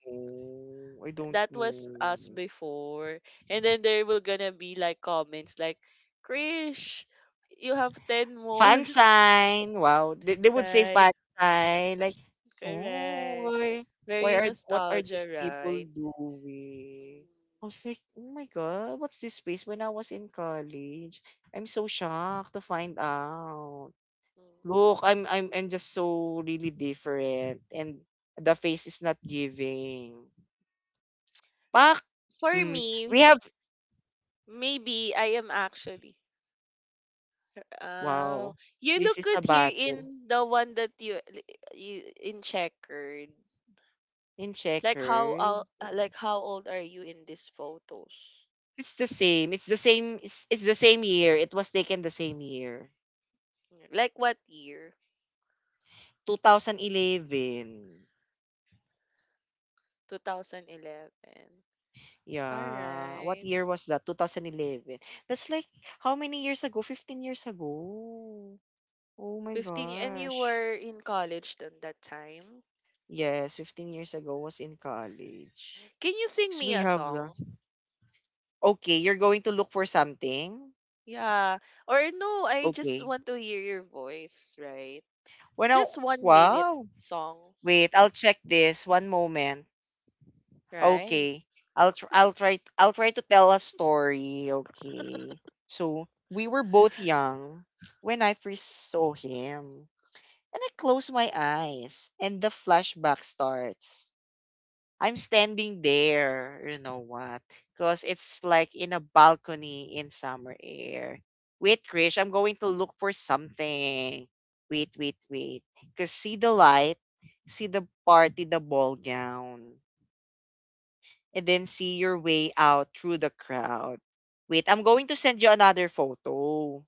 [SPEAKER 1] I don't
[SPEAKER 2] That was us
[SPEAKER 1] know.
[SPEAKER 2] before. And then there will gonna be like comments like, "Krish, you have ten more."
[SPEAKER 1] Fan sign. Wow, they, they would say
[SPEAKER 2] Right?
[SPEAKER 1] fan sign. Like, oh,
[SPEAKER 2] Correct.
[SPEAKER 1] why why
[SPEAKER 2] Very
[SPEAKER 1] are what are these
[SPEAKER 2] nostalgia,
[SPEAKER 1] people
[SPEAKER 2] right?
[SPEAKER 1] doing? I was
[SPEAKER 2] Mhm.
[SPEAKER 1] like, oh my god, what's this space? When I was in college, I'm so shocked to find out. Look,
[SPEAKER 2] Mhm.
[SPEAKER 1] I'm I'm I'm just so really different, and the face is not giving. Pak.
[SPEAKER 2] For
[SPEAKER 1] Mm, we
[SPEAKER 2] me,
[SPEAKER 1] have.
[SPEAKER 2] maybe I am actually... Oh,
[SPEAKER 1] Wow.
[SPEAKER 2] you
[SPEAKER 1] This
[SPEAKER 2] look
[SPEAKER 1] is
[SPEAKER 2] good
[SPEAKER 1] a
[SPEAKER 2] here
[SPEAKER 1] battle
[SPEAKER 2] in the one that you you in checkered.
[SPEAKER 1] in
[SPEAKER 2] Like how
[SPEAKER 1] checkered.
[SPEAKER 2] old? Like how old are you in these photos?
[SPEAKER 1] It's the same. It's the same, it's, it's the same year. It was taken the same year.
[SPEAKER 2] Like what year?
[SPEAKER 1] twenty eleven.
[SPEAKER 2] twenty eleven. All
[SPEAKER 1] Yeah. What
[SPEAKER 2] right.
[SPEAKER 1] year was that? twenty eleven. That's like, how many years ago? fifteen years ago. Oh my
[SPEAKER 2] fifteen y- and you
[SPEAKER 1] gosh.
[SPEAKER 2] were in college then that time.
[SPEAKER 1] Yes, fifteen years ago was in college.
[SPEAKER 2] Can you sing
[SPEAKER 1] So
[SPEAKER 2] me
[SPEAKER 1] we
[SPEAKER 2] a
[SPEAKER 1] have the
[SPEAKER 2] song?
[SPEAKER 1] Okay, you're going to look for something?
[SPEAKER 2] Yeah. Or no, I just
[SPEAKER 1] Okay.
[SPEAKER 2] want to hear your voice, right?
[SPEAKER 1] When I,
[SPEAKER 2] Just one minute
[SPEAKER 1] wow.
[SPEAKER 2] song,
[SPEAKER 1] Wait, I'll check this. One moment.
[SPEAKER 2] right?
[SPEAKER 1] Okay. I'll tr- I'll try I'll try to tell a story. Okay. So we were both young when I first saw him. And I close my eyes and the flashback starts. I'm standing there, you know what? Because it's like in a balcony in summer air. Wait, Krish, I'm going to look for something. Wait, wait, wait. Because see the light, see the party, the ball gown, and then see your way out through the crowd. Wait, I'm going to send you another photo.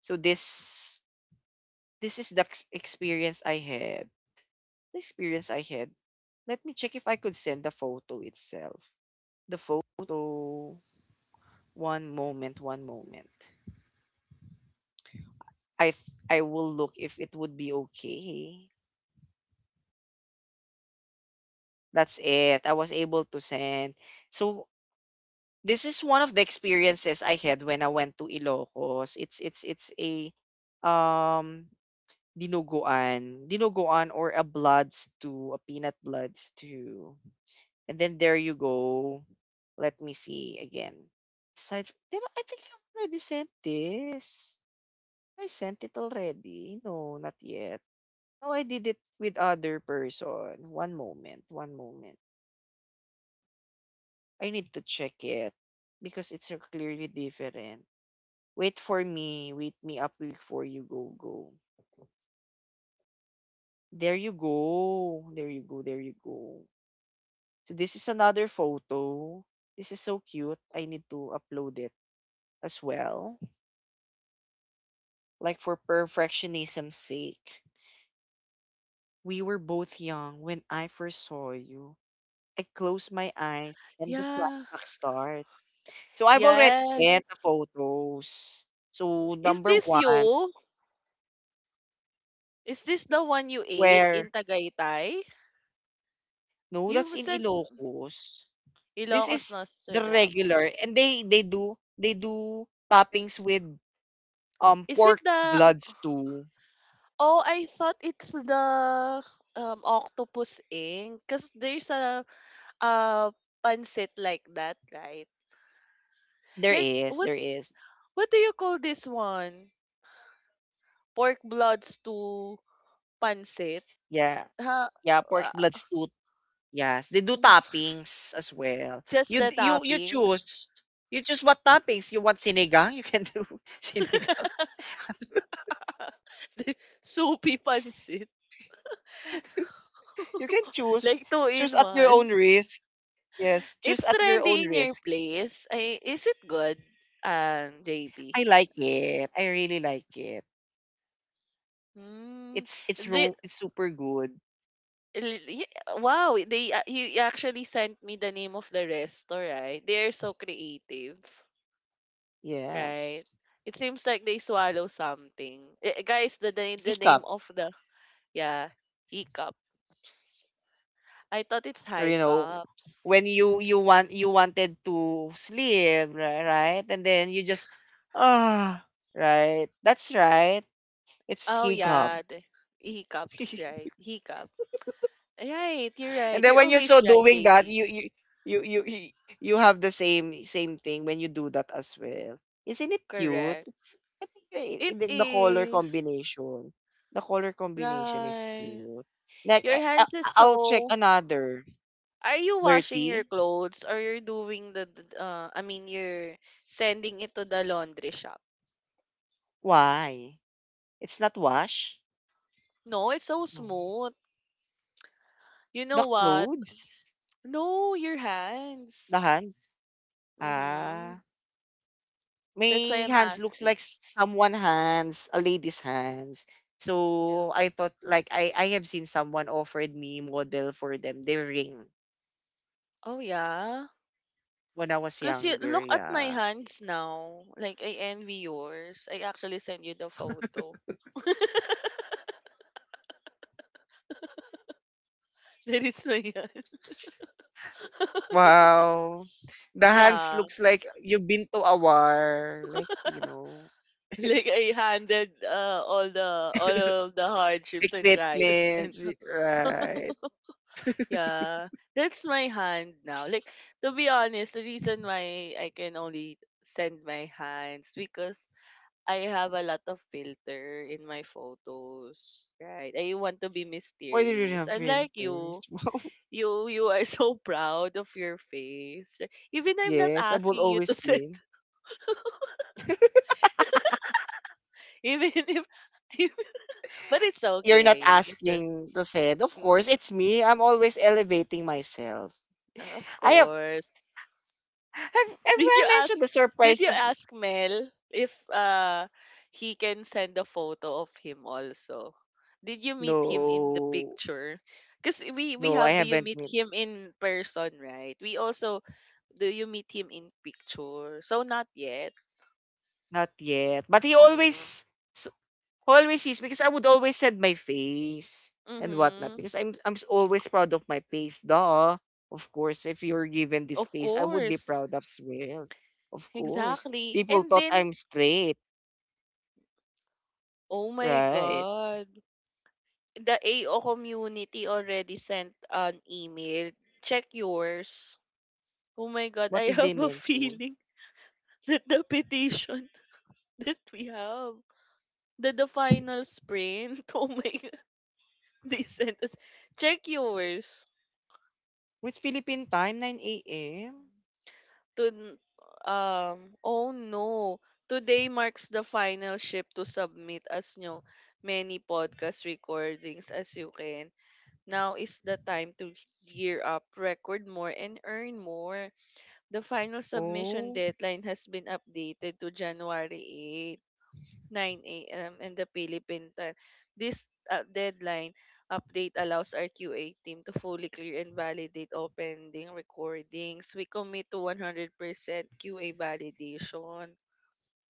[SPEAKER 1] So this this is the ex- experience I had. The experience I had. Let me check if I could send the photo itself. The photo. One moment, one moment. I th- I will look if it would be okay. That's it. I was able to send. So this is one of the experiences I had when I went to Ilocos. It's it's it's a um dinuguan, dinuguan, or a blood stew, a peanut blood stew. And then there you go. Let me see again. Aside, did I, I think I already sent this. I sent it already. No, not yet. No, I did it with other person. One moment, one moment. I need to check it because it's uh, clearly different. Wait for me. Wait me up before you go go. There you go. There you go. There you go. So this is another photo. This is so cute. I need to upload it as well. Like, for perfectionism's sake. We were both young when I first saw you. I close my eyes and the
[SPEAKER 2] Yeah.
[SPEAKER 1] flashback start. So I've already
[SPEAKER 2] Yeah.
[SPEAKER 1] sent the photos. So
[SPEAKER 2] Is
[SPEAKER 1] number
[SPEAKER 2] this
[SPEAKER 1] one,
[SPEAKER 2] you? Is this the one you ate
[SPEAKER 1] where
[SPEAKER 2] in Tagaytay?
[SPEAKER 1] no, that's
[SPEAKER 2] You
[SPEAKER 1] in
[SPEAKER 2] sent
[SPEAKER 1] Ilocos. This
[SPEAKER 2] Ilocos
[SPEAKER 1] is the
[SPEAKER 2] Nostradamus.
[SPEAKER 1] regular, and they they do they do toppings with um
[SPEAKER 2] Is it
[SPEAKER 1] pork
[SPEAKER 2] the...
[SPEAKER 1] bloods too.
[SPEAKER 2] Oh, I thought it's the um, Octopus Ink. Because there's a, a pancit like that, right?
[SPEAKER 1] There
[SPEAKER 2] Like,
[SPEAKER 1] is,
[SPEAKER 2] what
[SPEAKER 1] there is,
[SPEAKER 2] what do you call this one? Pork bloods to pancit?
[SPEAKER 1] yeah,
[SPEAKER 2] Ha?
[SPEAKER 1] yeah, pork
[SPEAKER 2] Ah,
[SPEAKER 1] bloods too. Yes, they do toppings as well.
[SPEAKER 2] just
[SPEAKER 1] You
[SPEAKER 2] the
[SPEAKER 1] d- you you
[SPEAKER 2] toppings?
[SPEAKER 1] choose. You choose what toppings you want. Sinigang, you can do sinigang.
[SPEAKER 2] The soupy pancit.
[SPEAKER 1] You can choose.
[SPEAKER 2] Like two
[SPEAKER 1] Choose
[SPEAKER 2] in
[SPEAKER 1] at your
[SPEAKER 2] one.
[SPEAKER 1] own risk. Yes, choose
[SPEAKER 2] It's
[SPEAKER 1] at your own
[SPEAKER 2] trendy in your
[SPEAKER 1] risk.
[SPEAKER 2] place. I, is it good, um, J P?
[SPEAKER 1] I like it. I really like it.
[SPEAKER 2] Mm,
[SPEAKER 1] It's it's
[SPEAKER 2] the,
[SPEAKER 1] ro- it's super good.
[SPEAKER 2] l- y- wow, they a- you you actually sent me the name of the restaurant. They are so creative, right?
[SPEAKER 1] Yes.
[SPEAKER 2] It seems like they swallow something. Eh, eh, guys, the, the the name
[SPEAKER 1] Hiccup.
[SPEAKER 2] of the... Yeah, hiccups. I thought it's
[SPEAKER 1] Or
[SPEAKER 2] high
[SPEAKER 1] you know,
[SPEAKER 2] cups.
[SPEAKER 1] when you you want you wanted to sleep, ri- right? And then you just ah, right. That's right. It's
[SPEAKER 2] Oh
[SPEAKER 1] hiccup.
[SPEAKER 2] yeah, the hiccups, right? Right, you're
[SPEAKER 1] And
[SPEAKER 2] right.
[SPEAKER 1] then
[SPEAKER 2] You're
[SPEAKER 1] when you're so
[SPEAKER 2] always right,
[SPEAKER 1] doing that,
[SPEAKER 2] J P.
[SPEAKER 1] you you you you y- you have the same same thing when you do that as well. Isn't it cute?
[SPEAKER 2] Correct.
[SPEAKER 1] It's, I think the,
[SPEAKER 2] It
[SPEAKER 1] the the color
[SPEAKER 2] is.
[SPEAKER 1] combination, the color combination is
[SPEAKER 2] Right.
[SPEAKER 1] cute. Like
[SPEAKER 2] Your
[SPEAKER 1] I, I,
[SPEAKER 2] hands is
[SPEAKER 1] I'll check
[SPEAKER 2] so...
[SPEAKER 1] another
[SPEAKER 2] Are you washing your
[SPEAKER 1] dirty.
[SPEAKER 2] clothes or you're doing the, the uh, I mean, you're sending it to the laundry shop?
[SPEAKER 1] Why? It's not wash.
[SPEAKER 2] No, it's so
[SPEAKER 1] No.
[SPEAKER 2] smooth. You know
[SPEAKER 1] The
[SPEAKER 2] what?
[SPEAKER 1] clothes,
[SPEAKER 2] No, your hands.
[SPEAKER 1] the hands. Ah.
[SPEAKER 2] Mhm. That's why
[SPEAKER 1] My
[SPEAKER 2] I'm
[SPEAKER 1] hands looks like
[SPEAKER 2] asking.
[SPEAKER 1] s- someone hands, a lady's hands.
[SPEAKER 2] Yeah.
[SPEAKER 1] So I thought, like, I I have seen someone offered me model for them their ring
[SPEAKER 2] Oh yeah.
[SPEAKER 1] when I was
[SPEAKER 2] Cause you
[SPEAKER 1] younger.
[SPEAKER 2] look at my
[SPEAKER 1] Yeah.
[SPEAKER 2] hands now. Like I envy yours. I actually sent you the photo. There is no yeah.
[SPEAKER 1] Wow. The hands
[SPEAKER 2] Yeah,
[SPEAKER 1] looks like you've been to a war, like you know,
[SPEAKER 2] like I handled uh, all the all of the hardships and trials and
[SPEAKER 1] equipment, right?
[SPEAKER 2] yeah, that's my hand now. Like, to be honest, the reason why I can only send my hands, because I have a lot of filter in my photos, right? I want to be
[SPEAKER 1] Why do you
[SPEAKER 2] mysterious.
[SPEAKER 1] have
[SPEAKER 2] Unlike
[SPEAKER 1] filters?
[SPEAKER 2] you, you you are so proud of your face. Like, even I'm not
[SPEAKER 1] yes, I will
[SPEAKER 2] asking you
[SPEAKER 1] always
[SPEAKER 2] to send
[SPEAKER 1] be.
[SPEAKER 2] even if but it's
[SPEAKER 1] You're not
[SPEAKER 2] okay. It's a...
[SPEAKER 1] asking to said. Of
[SPEAKER 2] Mm,
[SPEAKER 1] course, it's me. I'm always elevating myself.
[SPEAKER 2] of
[SPEAKER 1] I have
[SPEAKER 2] course.
[SPEAKER 1] Have have
[SPEAKER 2] Did
[SPEAKER 1] I
[SPEAKER 2] you
[SPEAKER 1] mentioned
[SPEAKER 2] ask,
[SPEAKER 1] the
[SPEAKER 2] did
[SPEAKER 1] surprise
[SPEAKER 2] you
[SPEAKER 1] of
[SPEAKER 2] ask Mel if uh he can send a photo of him also? Did you meet him in the
[SPEAKER 1] no,
[SPEAKER 2] picture? Cuz we we
[SPEAKER 1] no. I
[SPEAKER 2] have, do you
[SPEAKER 1] haven't
[SPEAKER 2] meet
[SPEAKER 1] met.
[SPEAKER 2] him in person, right? We also do you meet him in picture? So not yet.
[SPEAKER 1] Not yet, but he
[SPEAKER 2] Mm.
[SPEAKER 1] always s- always sees, because I would always send my face and whatnot,
[SPEAKER 2] Mhm.
[SPEAKER 1] because I'm I'm s- always proud of my face, duh. Of course, if you're given this
[SPEAKER 2] Of
[SPEAKER 1] face, I would be
[SPEAKER 2] course.
[SPEAKER 1] proud as well. Of course,
[SPEAKER 2] Exactly.
[SPEAKER 1] people
[SPEAKER 2] And
[SPEAKER 1] thought
[SPEAKER 2] then
[SPEAKER 1] I'm straight,
[SPEAKER 2] oh my
[SPEAKER 1] right?
[SPEAKER 2] god, the A O community already sent an email. Check yours. Oh my God,
[SPEAKER 1] What
[SPEAKER 2] I
[SPEAKER 1] did they
[SPEAKER 2] have a
[SPEAKER 1] mention?
[SPEAKER 2] feeling that the petition that we have, that the final sprint, oh my God, they sent us. Check yours.
[SPEAKER 1] It's Philippine time, nine a m
[SPEAKER 2] To, um, oh no. Today marks the final ship to submit as new many podcast recordings as you can. Now is the time to gear up, record more, and earn more. The final submission
[SPEAKER 1] Oh,
[SPEAKER 2] deadline has been updated to January eighth, nine a m in the Philippine time. This uh, deadline update allows our Q A team to fully clear and validate all pending recordings. We commit to one hundred percent Q A validation.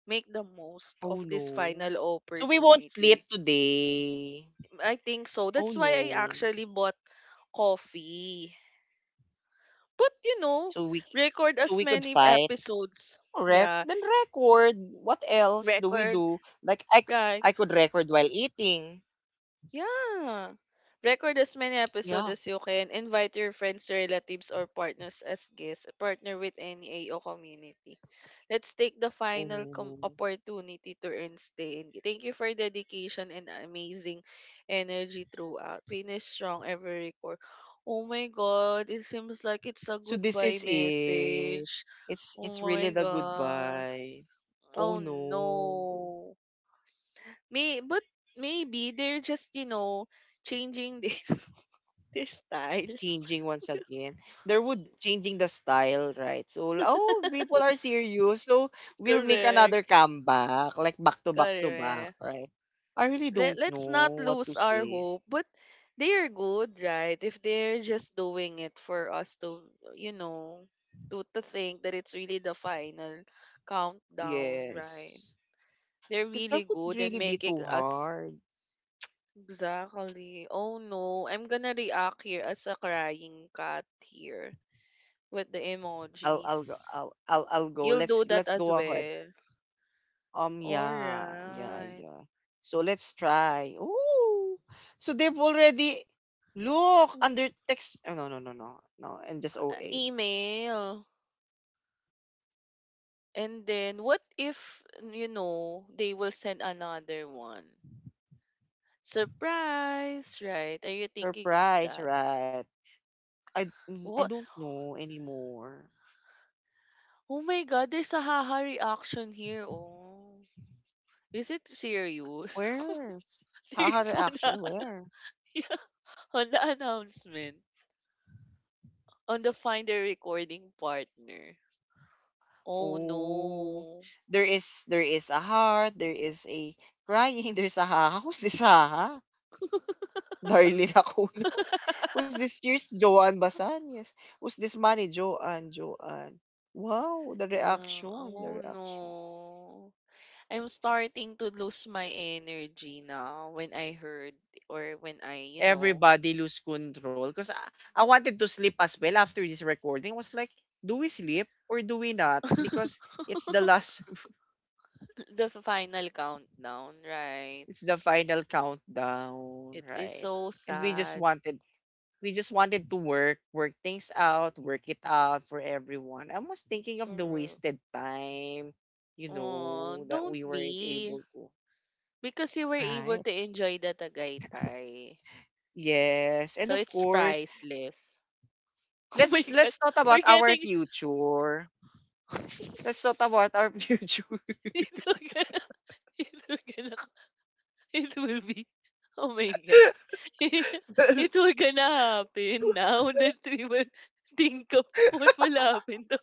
[SPEAKER 2] Make the most
[SPEAKER 1] oh
[SPEAKER 2] of this
[SPEAKER 1] no,
[SPEAKER 2] final
[SPEAKER 1] so we won't sleep
[SPEAKER 2] opportunity.
[SPEAKER 1] today.
[SPEAKER 2] I think so.
[SPEAKER 1] Oh
[SPEAKER 2] That's why I
[SPEAKER 1] no.
[SPEAKER 2] actually bought coffee. But you know,
[SPEAKER 1] So we
[SPEAKER 2] Record
[SPEAKER 1] so
[SPEAKER 2] as
[SPEAKER 1] we could
[SPEAKER 2] many
[SPEAKER 1] fight.
[SPEAKER 2] episodes.
[SPEAKER 1] Correct.
[SPEAKER 2] Yeah,
[SPEAKER 1] Then record. What else do we
[SPEAKER 2] record.
[SPEAKER 1] do? Like, I c-
[SPEAKER 2] Right.
[SPEAKER 1] I could record while eating.
[SPEAKER 2] Yeah. Record as many episodes
[SPEAKER 1] Yeah.
[SPEAKER 2] as you can. Invite your friends, relatives, or partners as guests. Partner with any A O community. Let's take the final com-
[SPEAKER 1] Oh.
[SPEAKER 2] opportunity to earn stay. And thank you for dedication and amazing energy throughout. Finish strong every record. Oh my God. It seems like it's a
[SPEAKER 1] So this
[SPEAKER 2] goodbye
[SPEAKER 1] is it.
[SPEAKER 2] message.
[SPEAKER 1] It's it's
[SPEAKER 2] Oh my
[SPEAKER 1] really the
[SPEAKER 2] God.
[SPEAKER 1] goodbye. Oh
[SPEAKER 2] Oh
[SPEAKER 1] no.
[SPEAKER 2] no. May but maybe they're just, you know, changing the, their style.
[SPEAKER 1] Changing once again. There would changing the style, right? So oh people are serious. So we'll make
[SPEAKER 2] Correct.
[SPEAKER 1] another comeback. Like, back to back to back,
[SPEAKER 2] Correct.
[SPEAKER 1] right? I really
[SPEAKER 2] Let,
[SPEAKER 1] don't
[SPEAKER 2] let's not
[SPEAKER 1] know what to
[SPEAKER 2] lose our
[SPEAKER 1] say.
[SPEAKER 2] hope. But they're good, right? If they're just doing it for us to, you know, to, to think that it's really the final countdown, right?
[SPEAKER 1] Yes,
[SPEAKER 2] They're
[SPEAKER 1] because
[SPEAKER 2] really
[SPEAKER 1] that would
[SPEAKER 2] good and
[SPEAKER 1] really be
[SPEAKER 2] making
[SPEAKER 1] too
[SPEAKER 2] us
[SPEAKER 1] hard.
[SPEAKER 2] exactly. Oh no, I'm gonna react here as a crying cat here with the
[SPEAKER 1] I'll I'll go
[SPEAKER 2] emojis.
[SPEAKER 1] I'll I'll I'll go.
[SPEAKER 2] You'll do
[SPEAKER 1] Let's
[SPEAKER 2] that
[SPEAKER 1] let's
[SPEAKER 2] as
[SPEAKER 1] go ahead.
[SPEAKER 2] well.
[SPEAKER 1] Um, yeah, yeah,
[SPEAKER 2] Alright.
[SPEAKER 1] yeah. So let's try. Ooh, so they've already look
[SPEAKER 2] Uh,
[SPEAKER 1] under text. Oh, no, no, no, no, no, and just O A.
[SPEAKER 2] Email. And then what if, you know, they will send another one? Surprise, right? Are you thinking of
[SPEAKER 1] Surprise,
[SPEAKER 2] that?
[SPEAKER 1] right? I mm, I
[SPEAKER 2] What?
[SPEAKER 1] don't know anymore.
[SPEAKER 2] Oh my God, there's a haha reaction here. Oh, is it serious?
[SPEAKER 1] Where's haha
[SPEAKER 2] There's one haha.
[SPEAKER 1] reaction? Where?
[SPEAKER 2] Yeah, on the announcement on the find a recording partner. Oh
[SPEAKER 1] Oh,
[SPEAKER 2] no.
[SPEAKER 1] there is, there is a heart, there is a crying, there's a haha. Who's this haha? Darlene Acuna. Who's this? Here's Joanne Basan. Yes. Who's this money? Joanne, Joanne. Wow, the
[SPEAKER 2] Yeah,
[SPEAKER 1] reaction, the
[SPEAKER 2] oh
[SPEAKER 1] reaction.
[SPEAKER 2] no. I'm starting to lose my energy now when I heard or when I, you know,
[SPEAKER 1] Everybody lose control. Because I, I wanted to sleep as well after this recording. I was like, do we sleep or do we not? Because it's the last.
[SPEAKER 2] the final countdown, right?
[SPEAKER 1] It's the final countdown,
[SPEAKER 2] It is
[SPEAKER 1] right?
[SPEAKER 2] so
[SPEAKER 1] And we just
[SPEAKER 2] sad.
[SPEAKER 1] wanted we just wanted to work. Work things out, work it out for everyone. I was thinking of the
[SPEAKER 2] Correct.
[SPEAKER 1] wasted time, you
[SPEAKER 2] Oh,
[SPEAKER 1] know, that
[SPEAKER 2] don't
[SPEAKER 1] we weren't
[SPEAKER 2] be.
[SPEAKER 1] able to.
[SPEAKER 2] Because you were able
[SPEAKER 1] Right.
[SPEAKER 2] to enjoy the Tagaytay.
[SPEAKER 1] Yes. And
[SPEAKER 2] So
[SPEAKER 1] of
[SPEAKER 2] it's
[SPEAKER 1] course,
[SPEAKER 2] priceless. Oh my
[SPEAKER 1] let's let's
[SPEAKER 2] God.
[SPEAKER 1] talk about
[SPEAKER 2] We're
[SPEAKER 1] our
[SPEAKER 2] getting...
[SPEAKER 1] future. Let's talk about our future.
[SPEAKER 2] it will, get. It will, get. It will be... Oh my God. It will gonna happen now that we will think of what will happen. To,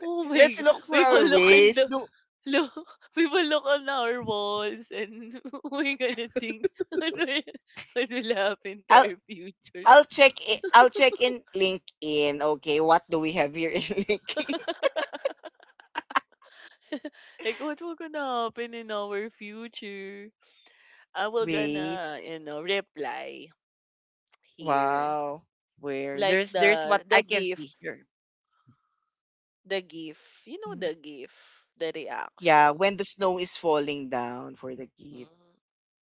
[SPEAKER 2] oh my
[SPEAKER 1] Let's
[SPEAKER 2] god.
[SPEAKER 1] look for
[SPEAKER 2] We
[SPEAKER 1] our
[SPEAKER 2] will look in
[SPEAKER 1] ways.
[SPEAKER 2] the
[SPEAKER 1] Do
[SPEAKER 2] look we will look on our walls and we're gonna think what will, what will happen to
[SPEAKER 1] I'll
[SPEAKER 2] our future.
[SPEAKER 1] I'll check i I'll check in LinkedIn. Okay, what do we have here in LinkedIn?
[SPEAKER 2] Like what will gonna happen in our future? I will
[SPEAKER 1] Wait.
[SPEAKER 2] gonna, you know, reply here.
[SPEAKER 1] Wow. Where
[SPEAKER 2] Like
[SPEAKER 1] there's there's what
[SPEAKER 2] the
[SPEAKER 1] I
[SPEAKER 2] the
[SPEAKER 1] can
[SPEAKER 2] gif.
[SPEAKER 1] see here.
[SPEAKER 2] The gif. You know
[SPEAKER 1] Mm.
[SPEAKER 2] the gif. The
[SPEAKER 1] Yeah,
[SPEAKER 2] reaction.
[SPEAKER 1] when the snow is falling down for the gift,
[SPEAKER 2] Mhm.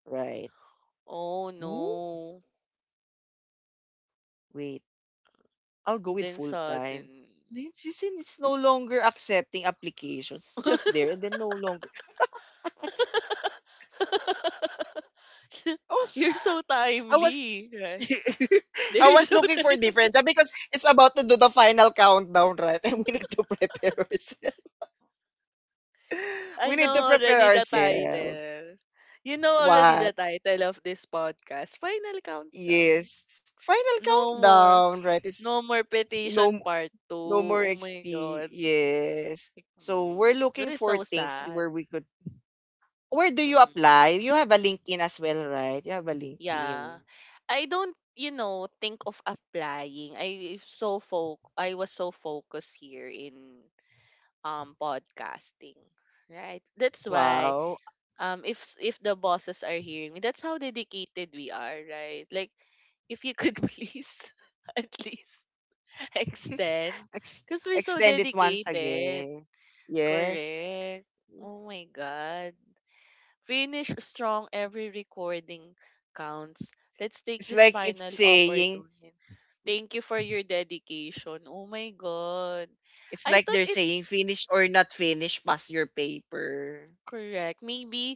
[SPEAKER 1] right?
[SPEAKER 2] Oh
[SPEAKER 1] Ooh,
[SPEAKER 2] no.
[SPEAKER 1] wait. I'll go with
[SPEAKER 2] Then
[SPEAKER 1] full time.
[SPEAKER 2] sudden.
[SPEAKER 1] It's, it's it's no longer accepting applications. It's just there and then no longer. I was
[SPEAKER 2] You're so
[SPEAKER 1] I was
[SPEAKER 2] timely, right?
[SPEAKER 1] I
[SPEAKER 2] They're
[SPEAKER 1] was
[SPEAKER 2] so
[SPEAKER 1] looking for
[SPEAKER 2] timely.
[SPEAKER 1] different job because it's about to do the final countdown, right? And we need to prepare ourselves.
[SPEAKER 2] I
[SPEAKER 1] We need to
[SPEAKER 2] know
[SPEAKER 1] prepare
[SPEAKER 2] already the
[SPEAKER 1] ourselves.
[SPEAKER 2] title. You know already the
[SPEAKER 1] What?
[SPEAKER 2] title of this podcast. Final countdown.
[SPEAKER 1] Yes. Final
[SPEAKER 2] No more.
[SPEAKER 1] countdown, right? It's
[SPEAKER 2] No more
[SPEAKER 1] no
[SPEAKER 2] petition
[SPEAKER 1] m-
[SPEAKER 2] part two.
[SPEAKER 1] no more
[SPEAKER 2] Oh my god.
[SPEAKER 1] X T. Yes.
[SPEAKER 2] Like,
[SPEAKER 1] So
[SPEAKER 2] Mm,
[SPEAKER 1] we're looking
[SPEAKER 2] you're
[SPEAKER 1] for
[SPEAKER 2] so
[SPEAKER 1] things
[SPEAKER 2] sad.
[SPEAKER 1] where we could where do you
[SPEAKER 2] Mhm.
[SPEAKER 1] apply? You have a LinkedIn as well, right? You have a LinkedIn.
[SPEAKER 2] Yeah. I don't, you know, think of applying. I so foc I was so focused here in um podcasting, right? That's why
[SPEAKER 1] Wow.
[SPEAKER 2] um if s- if the bosses are hearing me, that's how dedicated we are, right? Like if you could please at least extend
[SPEAKER 1] Ex-
[SPEAKER 2] because we're so
[SPEAKER 1] Extend it once
[SPEAKER 2] dedicated.
[SPEAKER 1] again. Yes.
[SPEAKER 2] Correct. Oh my god. Finish strong. Every recording counts. Let's take
[SPEAKER 1] It's
[SPEAKER 2] this
[SPEAKER 1] like it's
[SPEAKER 2] final
[SPEAKER 1] saying
[SPEAKER 2] opportunity. Thank you for your dedication. Oh my God.
[SPEAKER 1] it's
[SPEAKER 2] I
[SPEAKER 1] like
[SPEAKER 2] thought
[SPEAKER 1] they're saying
[SPEAKER 2] it's
[SPEAKER 1] finish or not finish, pass your paper
[SPEAKER 2] correct. Maybe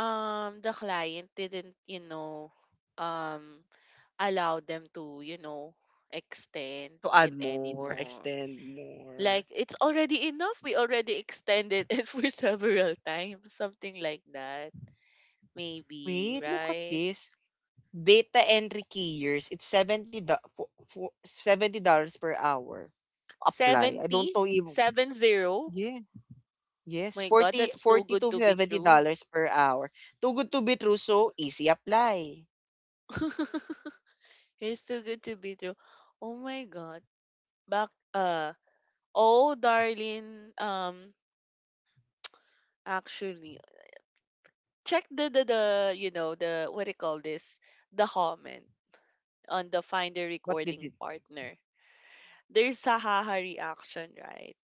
[SPEAKER 2] um the client didn't, you know, um allow them to, you know, extend
[SPEAKER 1] to add
[SPEAKER 2] it
[SPEAKER 1] more,
[SPEAKER 2] anymore.
[SPEAKER 1] extend more.
[SPEAKER 2] Like it's already enough. We already extended it for several times. Something like that. Maybe,
[SPEAKER 1] Wait, look at
[SPEAKER 2] right?
[SPEAKER 1] this. Data entry keyers, it's seventy do- fo- fo- seventy dollars per hour. Apply. I don't know even.
[SPEAKER 2] Seventy-seven zero.
[SPEAKER 1] Yeah, yes.
[SPEAKER 2] My God,
[SPEAKER 1] forty
[SPEAKER 2] that's too
[SPEAKER 1] forty
[SPEAKER 2] good
[SPEAKER 1] to
[SPEAKER 2] to be true.
[SPEAKER 1] seventy dollars per hour. Too good to be true, so easy apply.
[SPEAKER 2] It's too good to be true. Oh my God. Back, uh, oh, darling, um, actually, check the, the, the, you know, the, what do you call this? The comment on the find a
[SPEAKER 1] What did it?
[SPEAKER 2] recording partner. There's a haha reaction, right?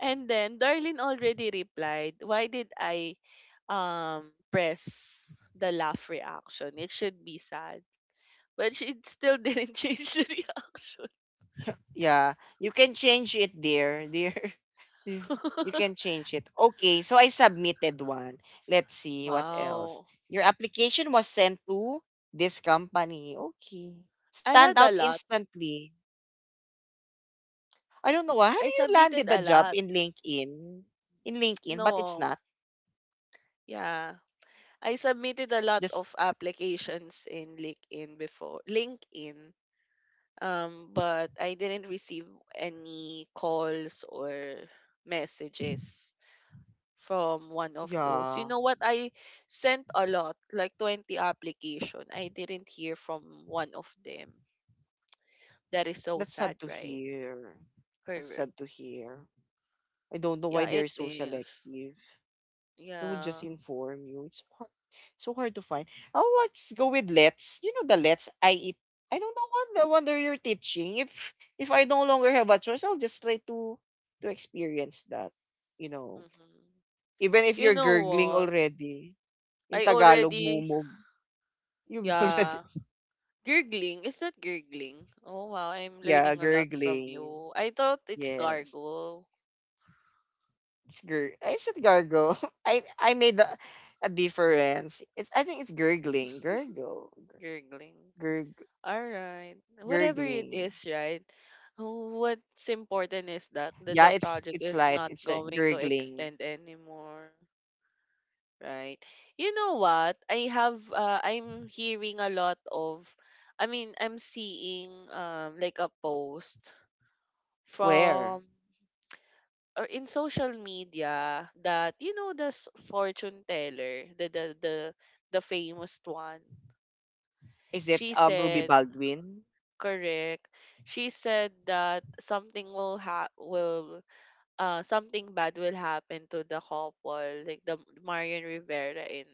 [SPEAKER 2] And then, darling already replied, why did I, um, press the laugh reaction? It should be sad. But she still didn't change the reaction.
[SPEAKER 1] Yeah, you can change it there, dear. Dear. You can change it. Okay, so I submitted one. Let's see what else.
[SPEAKER 2] Wow.
[SPEAKER 1] Your application was sent to this company. Okay.
[SPEAKER 2] I
[SPEAKER 1] Stand
[SPEAKER 2] had a
[SPEAKER 1] out
[SPEAKER 2] lot.
[SPEAKER 1] instantly. I don't know why. Have
[SPEAKER 2] I
[SPEAKER 1] you
[SPEAKER 2] submitted
[SPEAKER 1] landed the
[SPEAKER 2] a
[SPEAKER 1] job
[SPEAKER 2] lot.
[SPEAKER 1] in LinkedIn? In LinkedIn, but it's
[SPEAKER 2] No.
[SPEAKER 1] not.
[SPEAKER 2] Yeah. I submitted a lot
[SPEAKER 1] Just,
[SPEAKER 2] of applications in LinkedIn before. LinkedIn. Um, but I didn't receive any calls or messages from one of those. You
[SPEAKER 1] yeah.
[SPEAKER 2] know what? I sent a lot, like twenty application. I didn't hear from one of them. That is so
[SPEAKER 1] That's sad
[SPEAKER 2] sad,
[SPEAKER 1] to
[SPEAKER 2] right?
[SPEAKER 1] hear. That's
[SPEAKER 2] Correct.
[SPEAKER 1] sad to hear. I don't know why
[SPEAKER 2] Yeah,
[SPEAKER 1] they're
[SPEAKER 2] it
[SPEAKER 1] so
[SPEAKER 2] is.
[SPEAKER 1] selective. They would
[SPEAKER 2] Yeah.
[SPEAKER 1] just inform you. It's hard, so hard to find. Oh, let's go with let's. You know the let's I eat. I don't know what the wonder you're teaching. If if I no longer have a choice, I'll just try to to experience that. You know,
[SPEAKER 2] Hmm.
[SPEAKER 1] even if
[SPEAKER 2] You
[SPEAKER 1] you're
[SPEAKER 2] know
[SPEAKER 1] gurgling
[SPEAKER 2] what?
[SPEAKER 1] already, in
[SPEAKER 2] I
[SPEAKER 1] Tagalog,
[SPEAKER 2] already,
[SPEAKER 1] mumog. You've already,
[SPEAKER 2] yeah. Gurgling. Is that gurgling? Oh, wow. I'm
[SPEAKER 1] yeah,
[SPEAKER 2] learning a lot from
[SPEAKER 1] gurgling.
[SPEAKER 2] you. I thought it's
[SPEAKER 1] Yes,
[SPEAKER 2] gargle.
[SPEAKER 1] it's gur. I said gargle. I I made a, a difference. It's, I think it's gurgling, gurgle,
[SPEAKER 2] Gurgling.
[SPEAKER 1] gurg,
[SPEAKER 2] All right. Whatever it
[SPEAKER 1] gurgling.
[SPEAKER 2] is, right? What's important is that, that
[SPEAKER 1] Yeah,
[SPEAKER 2] the
[SPEAKER 1] it's
[SPEAKER 2] project
[SPEAKER 1] it's
[SPEAKER 2] is
[SPEAKER 1] light.
[SPEAKER 2] not
[SPEAKER 1] It's a
[SPEAKER 2] going to
[SPEAKER 1] gurgling.
[SPEAKER 2] extend anymore. Right. You know what? I have uh, I'm hearing a lot of I mean, I'm seeing um like a post
[SPEAKER 1] Where
[SPEAKER 2] from or in social media that you know the s- fortune teller, the the the, the famous one.
[SPEAKER 1] is it?
[SPEAKER 2] She
[SPEAKER 1] Um, Ruby
[SPEAKER 2] said
[SPEAKER 1] Baldwin.
[SPEAKER 2] correct. She said that something will ha will uh something bad will happen to the couple, like the Marian Rivera and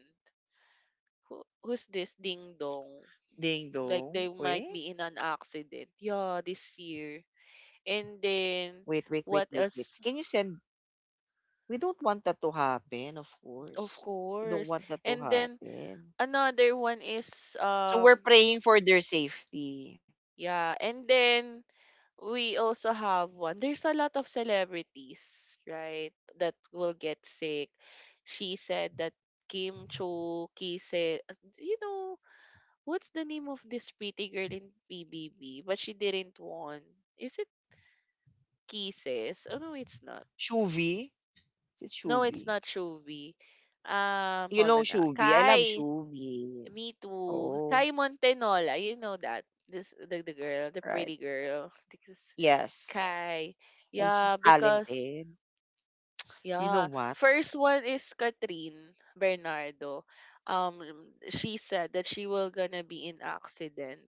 [SPEAKER 2] who, who's this Ding Dong,
[SPEAKER 1] Ding
[SPEAKER 2] like they
[SPEAKER 1] dong.
[SPEAKER 2] might
[SPEAKER 1] Wait,
[SPEAKER 2] be in an accident yeah this year. And then
[SPEAKER 1] wait, wait, wait,
[SPEAKER 2] what
[SPEAKER 1] wait, wait.
[SPEAKER 2] else?
[SPEAKER 1] Can you send? We don't want that to happen. Of
[SPEAKER 2] Of
[SPEAKER 1] course, we don't
[SPEAKER 2] course.
[SPEAKER 1] want that to
[SPEAKER 2] And then
[SPEAKER 1] happen.
[SPEAKER 2] another one is
[SPEAKER 1] So we're
[SPEAKER 2] um
[SPEAKER 1] praying for their safety.
[SPEAKER 2] yeah. And then we also have one, there's a lot of celebrities, right, that will get sick. She said that Kim Cho Ki said, you know, what's the name of this pretty girl in P B B, but she didn't want. Is it Kisses? Oh no, it's not.
[SPEAKER 1] Shuvi. Is it
[SPEAKER 2] No, it's
[SPEAKER 1] Shuvi?
[SPEAKER 2] not Shuvi. Um,
[SPEAKER 1] You
[SPEAKER 2] hold
[SPEAKER 1] know
[SPEAKER 2] on. Uh,
[SPEAKER 1] Shuvi? I love
[SPEAKER 2] Kai.
[SPEAKER 1] Shuvi.
[SPEAKER 2] Me too.
[SPEAKER 1] Oh,
[SPEAKER 2] Kai Montenola. You know that. This the, the girl, the
[SPEAKER 1] right.
[SPEAKER 2] pretty girl. Because
[SPEAKER 1] Yes.
[SPEAKER 2] Kai.
[SPEAKER 1] And
[SPEAKER 2] Yeah,
[SPEAKER 1] she's
[SPEAKER 2] because
[SPEAKER 1] talented. You know
[SPEAKER 2] yeah.
[SPEAKER 1] what?
[SPEAKER 2] First one is Katrin Bernardo. Um she said that she will gonna be in accident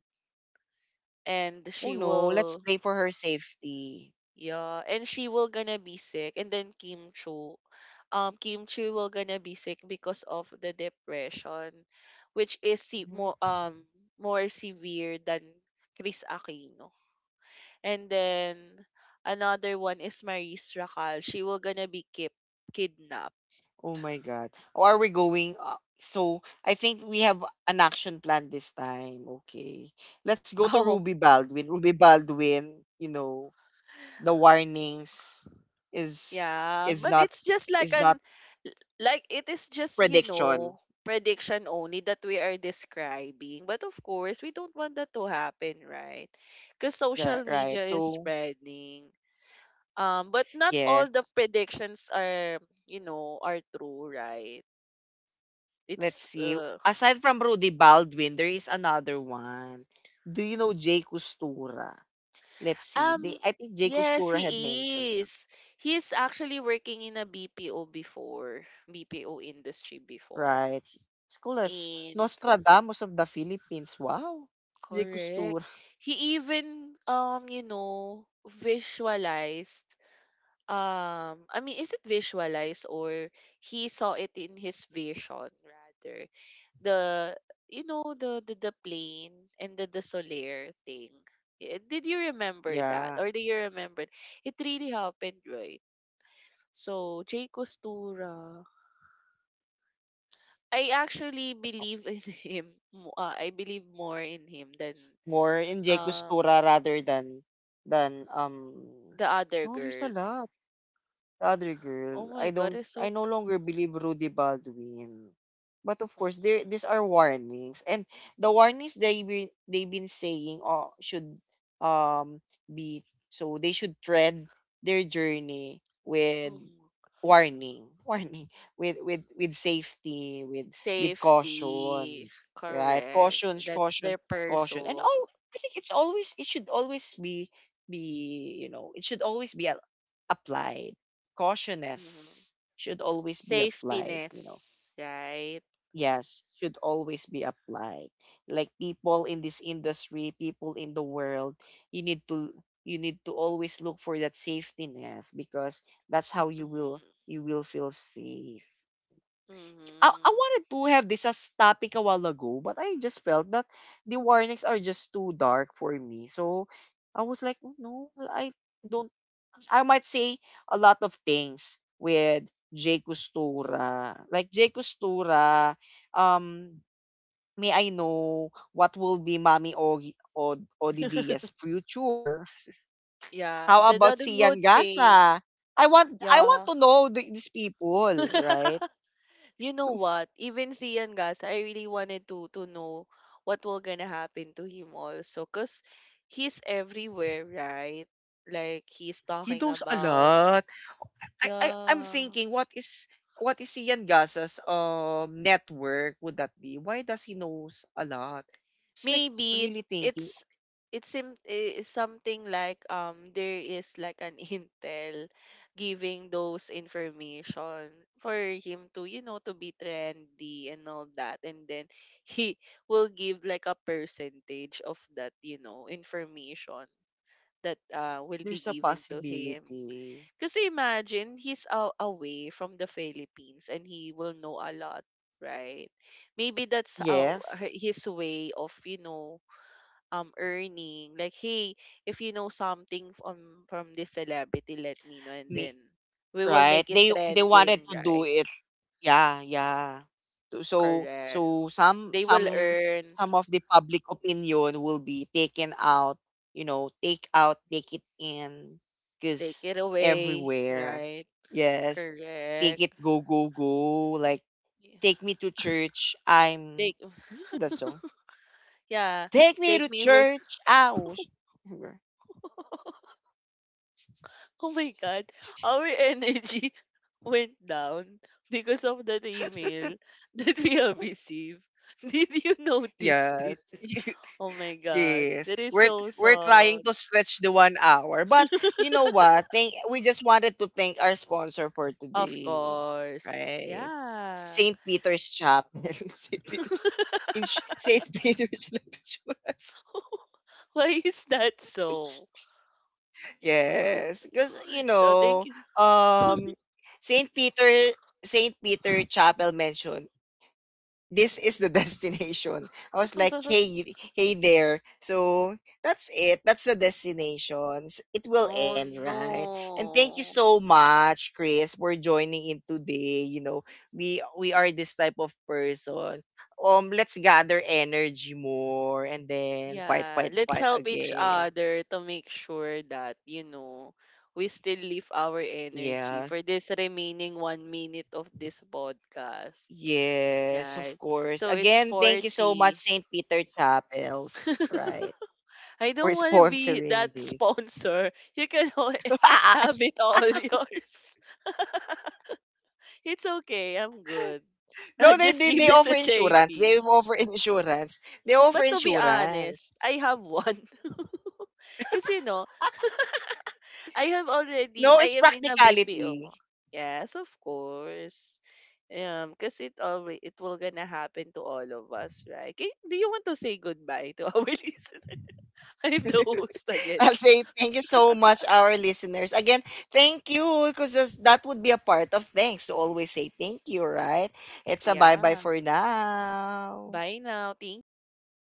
[SPEAKER 2] and
[SPEAKER 1] Oh
[SPEAKER 2] she
[SPEAKER 1] no, let's
[SPEAKER 2] will.
[SPEAKER 1] pray for her safety.
[SPEAKER 2] Yeah, and she will gonna be sick, and then Kim Chu, um, Kim Chu will gonna be sick because of the depression, which is se- more
[SPEAKER 1] Mhm.
[SPEAKER 2] um more severe than Chris Aquino. And then another one is Maris Racal. She will gonna be kip kidnapped.
[SPEAKER 1] Oh my God. Oh, are we going? Uh, so I think we have an action plan this time. Okay. Let's go to
[SPEAKER 2] Oh,
[SPEAKER 1] Ruby Baldwin. Ruby Baldwin, you know, the warnings is,
[SPEAKER 2] yeah,
[SPEAKER 1] is
[SPEAKER 2] but
[SPEAKER 1] not
[SPEAKER 2] it's just like
[SPEAKER 1] is not
[SPEAKER 2] an like it is just, you
[SPEAKER 1] prediction.
[SPEAKER 2] know, prediction only that we are describing. But of course, we don't want that to happen, right? Because
[SPEAKER 1] Yeah,
[SPEAKER 2] social
[SPEAKER 1] right.
[SPEAKER 2] media is
[SPEAKER 1] So,
[SPEAKER 2] spreading. Um, but not all the
[SPEAKER 1] yes.
[SPEAKER 2] predictions are, you know, are true, right?
[SPEAKER 1] Let's
[SPEAKER 2] It's
[SPEAKER 1] see.
[SPEAKER 2] uh
[SPEAKER 1] Aside from Rudy Baldwin, there is another one. Do you know Jay Costura? Let's see. They,
[SPEAKER 2] um
[SPEAKER 1] I think Jay
[SPEAKER 2] yes,
[SPEAKER 1] Costura had mentioned
[SPEAKER 2] he
[SPEAKER 1] some.
[SPEAKER 2] is. He's actually working in a B P O before, B P O industry before.
[SPEAKER 1] Right. It's cool as
[SPEAKER 2] In
[SPEAKER 1] Nostradamus of the Philippines. Wow. Jay
[SPEAKER 2] correct.
[SPEAKER 1] Costura.
[SPEAKER 2] He even um you know visualized, um I mean is it visualized or he saw it in his vision rather, the you know the the, the plane and the the solar thing. Eh, Did you remember
[SPEAKER 1] Yeah.
[SPEAKER 2] that or do you remember? It really happened, right? So Jay Costura, I actually believe in him. mo- Uh, I believe more in him than
[SPEAKER 1] More in Jay
[SPEAKER 2] uh
[SPEAKER 1] Costura rather than than um
[SPEAKER 2] the other
[SPEAKER 1] no, there's a
[SPEAKER 2] girl.
[SPEAKER 1] lot. The other
[SPEAKER 2] Oh
[SPEAKER 1] girl, I
[SPEAKER 2] my God,
[SPEAKER 1] don't
[SPEAKER 2] it's so
[SPEAKER 1] I no longer believe Rudy Baldwin. But of course,
[SPEAKER 2] mm-hmm,
[SPEAKER 1] there, these are warnings. And the warnings, they be, they've been saying, uh, should, um be, so they should tread their journey with
[SPEAKER 2] mm-hmm.
[SPEAKER 1] warning, warning, with with with safety, with with
[SPEAKER 2] Safety,
[SPEAKER 1] caution, right?
[SPEAKER 2] correct.
[SPEAKER 1] Caution,
[SPEAKER 2] That's
[SPEAKER 1] caution,
[SPEAKER 2] their
[SPEAKER 1] caution. And
[SPEAKER 2] person.
[SPEAKER 1] oh, I think it's always, it should always be, be, you know, it should always be a- applied.
[SPEAKER 2] Mm-hmm.
[SPEAKER 1] Cautiousness should always be applied, you know.
[SPEAKER 2] Safetiness, right?
[SPEAKER 1] Yes, should always be applied. Like, people in this industry, people in the world, you need to, you need to always look for that safety net because that's how you will
[SPEAKER 2] Mm-hmm.
[SPEAKER 1] you will feel safe. I, I
[SPEAKER 2] Mm-hmm.
[SPEAKER 1] wanted to have this as topic a while ago, but I just felt that the warnings are just too dark for me. So I was like, "Oh, no, I don't I might say a lot of things with J. Costura. Like, J. Costura, um, may I know what will be Mami Ogi O Odidia's future?
[SPEAKER 2] Yeah,
[SPEAKER 1] How
[SPEAKER 2] the, the,
[SPEAKER 1] about
[SPEAKER 2] the
[SPEAKER 1] si
[SPEAKER 2] good
[SPEAKER 1] Yan
[SPEAKER 2] thing.
[SPEAKER 1] Gasa? I want I want
[SPEAKER 2] Yeah.
[SPEAKER 1] to know th- these people, right?
[SPEAKER 2] You know what? Even si Ian Gas, I really wanted to to know what will gonna happen to him also, cause he's everywhere, right? Like he's
[SPEAKER 1] He
[SPEAKER 2] talking
[SPEAKER 1] knows a
[SPEAKER 2] about,
[SPEAKER 1] lot. I, I I'm
[SPEAKER 2] yeah.
[SPEAKER 1] thinking what is, what is Ian Gasa's um network would that be? Why does he knows a lot? It's like
[SPEAKER 2] Maybe
[SPEAKER 1] really thinking.
[SPEAKER 2] it's it seem eh, something like um there is like an intel giving those information for him to you know to be trendy and all that, and then he will give like a percentage of that you know information that uh will be
[SPEAKER 1] There's a
[SPEAKER 2] given to him.
[SPEAKER 1] possibility.
[SPEAKER 2] Kasi imagine he's a away from the Philippines and he will know a lot, right? Maybe that's how
[SPEAKER 1] Yes.
[SPEAKER 2] his way of you know um earning, like hey, if you know something from from this celebrity let me know, and
[SPEAKER 1] Me,
[SPEAKER 2] then we will
[SPEAKER 1] right?
[SPEAKER 2] make it
[SPEAKER 1] they they wanted
[SPEAKER 2] trending,
[SPEAKER 1] to do
[SPEAKER 2] right?
[SPEAKER 1] it. Yeah, yeah. so
[SPEAKER 2] Correct,
[SPEAKER 1] so some
[SPEAKER 2] they will
[SPEAKER 1] some
[SPEAKER 2] earn.
[SPEAKER 1] some of the public opinion will be taken out, you know, take out, take it in,
[SPEAKER 2] Take
[SPEAKER 1] because
[SPEAKER 2] it away,
[SPEAKER 1] everywhere.
[SPEAKER 2] right?
[SPEAKER 1] Yes, take
[SPEAKER 2] Correct.
[SPEAKER 1] it. Go, go, go. Like,
[SPEAKER 2] Yeah.
[SPEAKER 1] take me to church. I'm
[SPEAKER 2] Take
[SPEAKER 1] You know that song,
[SPEAKER 2] yeah
[SPEAKER 1] take me
[SPEAKER 2] take
[SPEAKER 1] to
[SPEAKER 2] me where.
[SPEAKER 1] church. I was.
[SPEAKER 2] Oh my god, our energy went down because of that email that we have received. Did you notice it?
[SPEAKER 1] Yes.
[SPEAKER 2] Oh my god,
[SPEAKER 1] Yes,
[SPEAKER 2] that is
[SPEAKER 1] we're
[SPEAKER 2] so
[SPEAKER 1] we're trying
[SPEAKER 2] sad.
[SPEAKER 1] to stretch the one hour, but you know what? Thank We just wanted to thank our sponsor for
[SPEAKER 2] Of
[SPEAKER 1] today,
[SPEAKER 2] course.
[SPEAKER 1] right?
[SPEAKER 2] Yeah.
[SPEAKER 1] Saint Peter's Chapel, Saint Peter's in Sh- Saint Peter's Lapichuras.
[SPEAKER 2] Why is that so?
[SPEAKER 1] Yes, because you
[SPEAKER 2] So thank
[SPEAKER 1] know,
[SPEAKER 2] you.
[SPEAKER 1] um, Saint Peter Saint Peter Chapel mentioned this is the destination. I was like, hey, hey there. So, that's it. That's the destination. S- It will
[SPEAKER 2] Oh
[SPEAKER 1] end, right? And thank you
[SPEAKER 2] no.
[SPEAKER 1] so much, Chris, for joining in today. You know, we we are this type of person. Um, let's gather energy more and then fight,
[SPEAKER 2] Yeah,
[SPEAKER 1] fight,
[SPEAKER 2] let's
[SPEAKER 1] fight
[SPEAKER 2] help each
[SPEAKER 1] again.
[SPEAKER 2] other to make sure that, you know, we still leave our energy
[SPEAKER 1] Yeah.
[SPEAKER 2] for this remaining one minute of this podcast.
[SPEAKER 1] Yes, of
[SPEAKER 2] Right.
[SPEAKER 1] course.
[SPEAKER 2] So it's
[SPEAKER 1] Again, thank you so much,
[SPEAKER 2] forty.
[SPEAKER 1] Saint Peter Chapels, right?
[SPEAKER 2] I
[SPEAKER 1] For
[SPEAKER 2] don't want to be
[SPEAKER 1] sponsoring
[SPEAKER 2] that
[SPEAKER 1] this.
[SPEAKER 2] sponsor. You can have it all yours. It's okay. I'm good.
[SPEAKER 1] No, they,
[SPEAKER 2] Just
[SPEAKER 1] they they
[SPEAKER 2] give it
[SPEAKER 1] offer
[SPEAKER 2] to
[SPEAKER 1] insurance.
[SPEAKER 2] J P.
[SPEAKER 1] They offer insurance. They offer
[SPEAKER 2] But to be
[SPEAKER 1] insurance.
[SPEAKER 2] honest, I have one. Kasi you know, I have already,
[SPEAKER 1] No, it's
[SPEAKER 2] I am in a
[SPEAKER 1] practicality.
[SPEAKER 2] B P O. Yes, of course. Um, because it always it will gonna happen to all of us, right? Kay, do you want to say goodbye to our listeners? I'm the host again.
[SPEAKER 1] I'll say thank you so much, our listeners. Again, thank you, because that would be a part of thanks to always say thank you, right? It's a bye bye
[SPEAKER 2] Yeah.
[SPEAKER 1] for now.
[SPEAKER 2] Bye now. Thank you.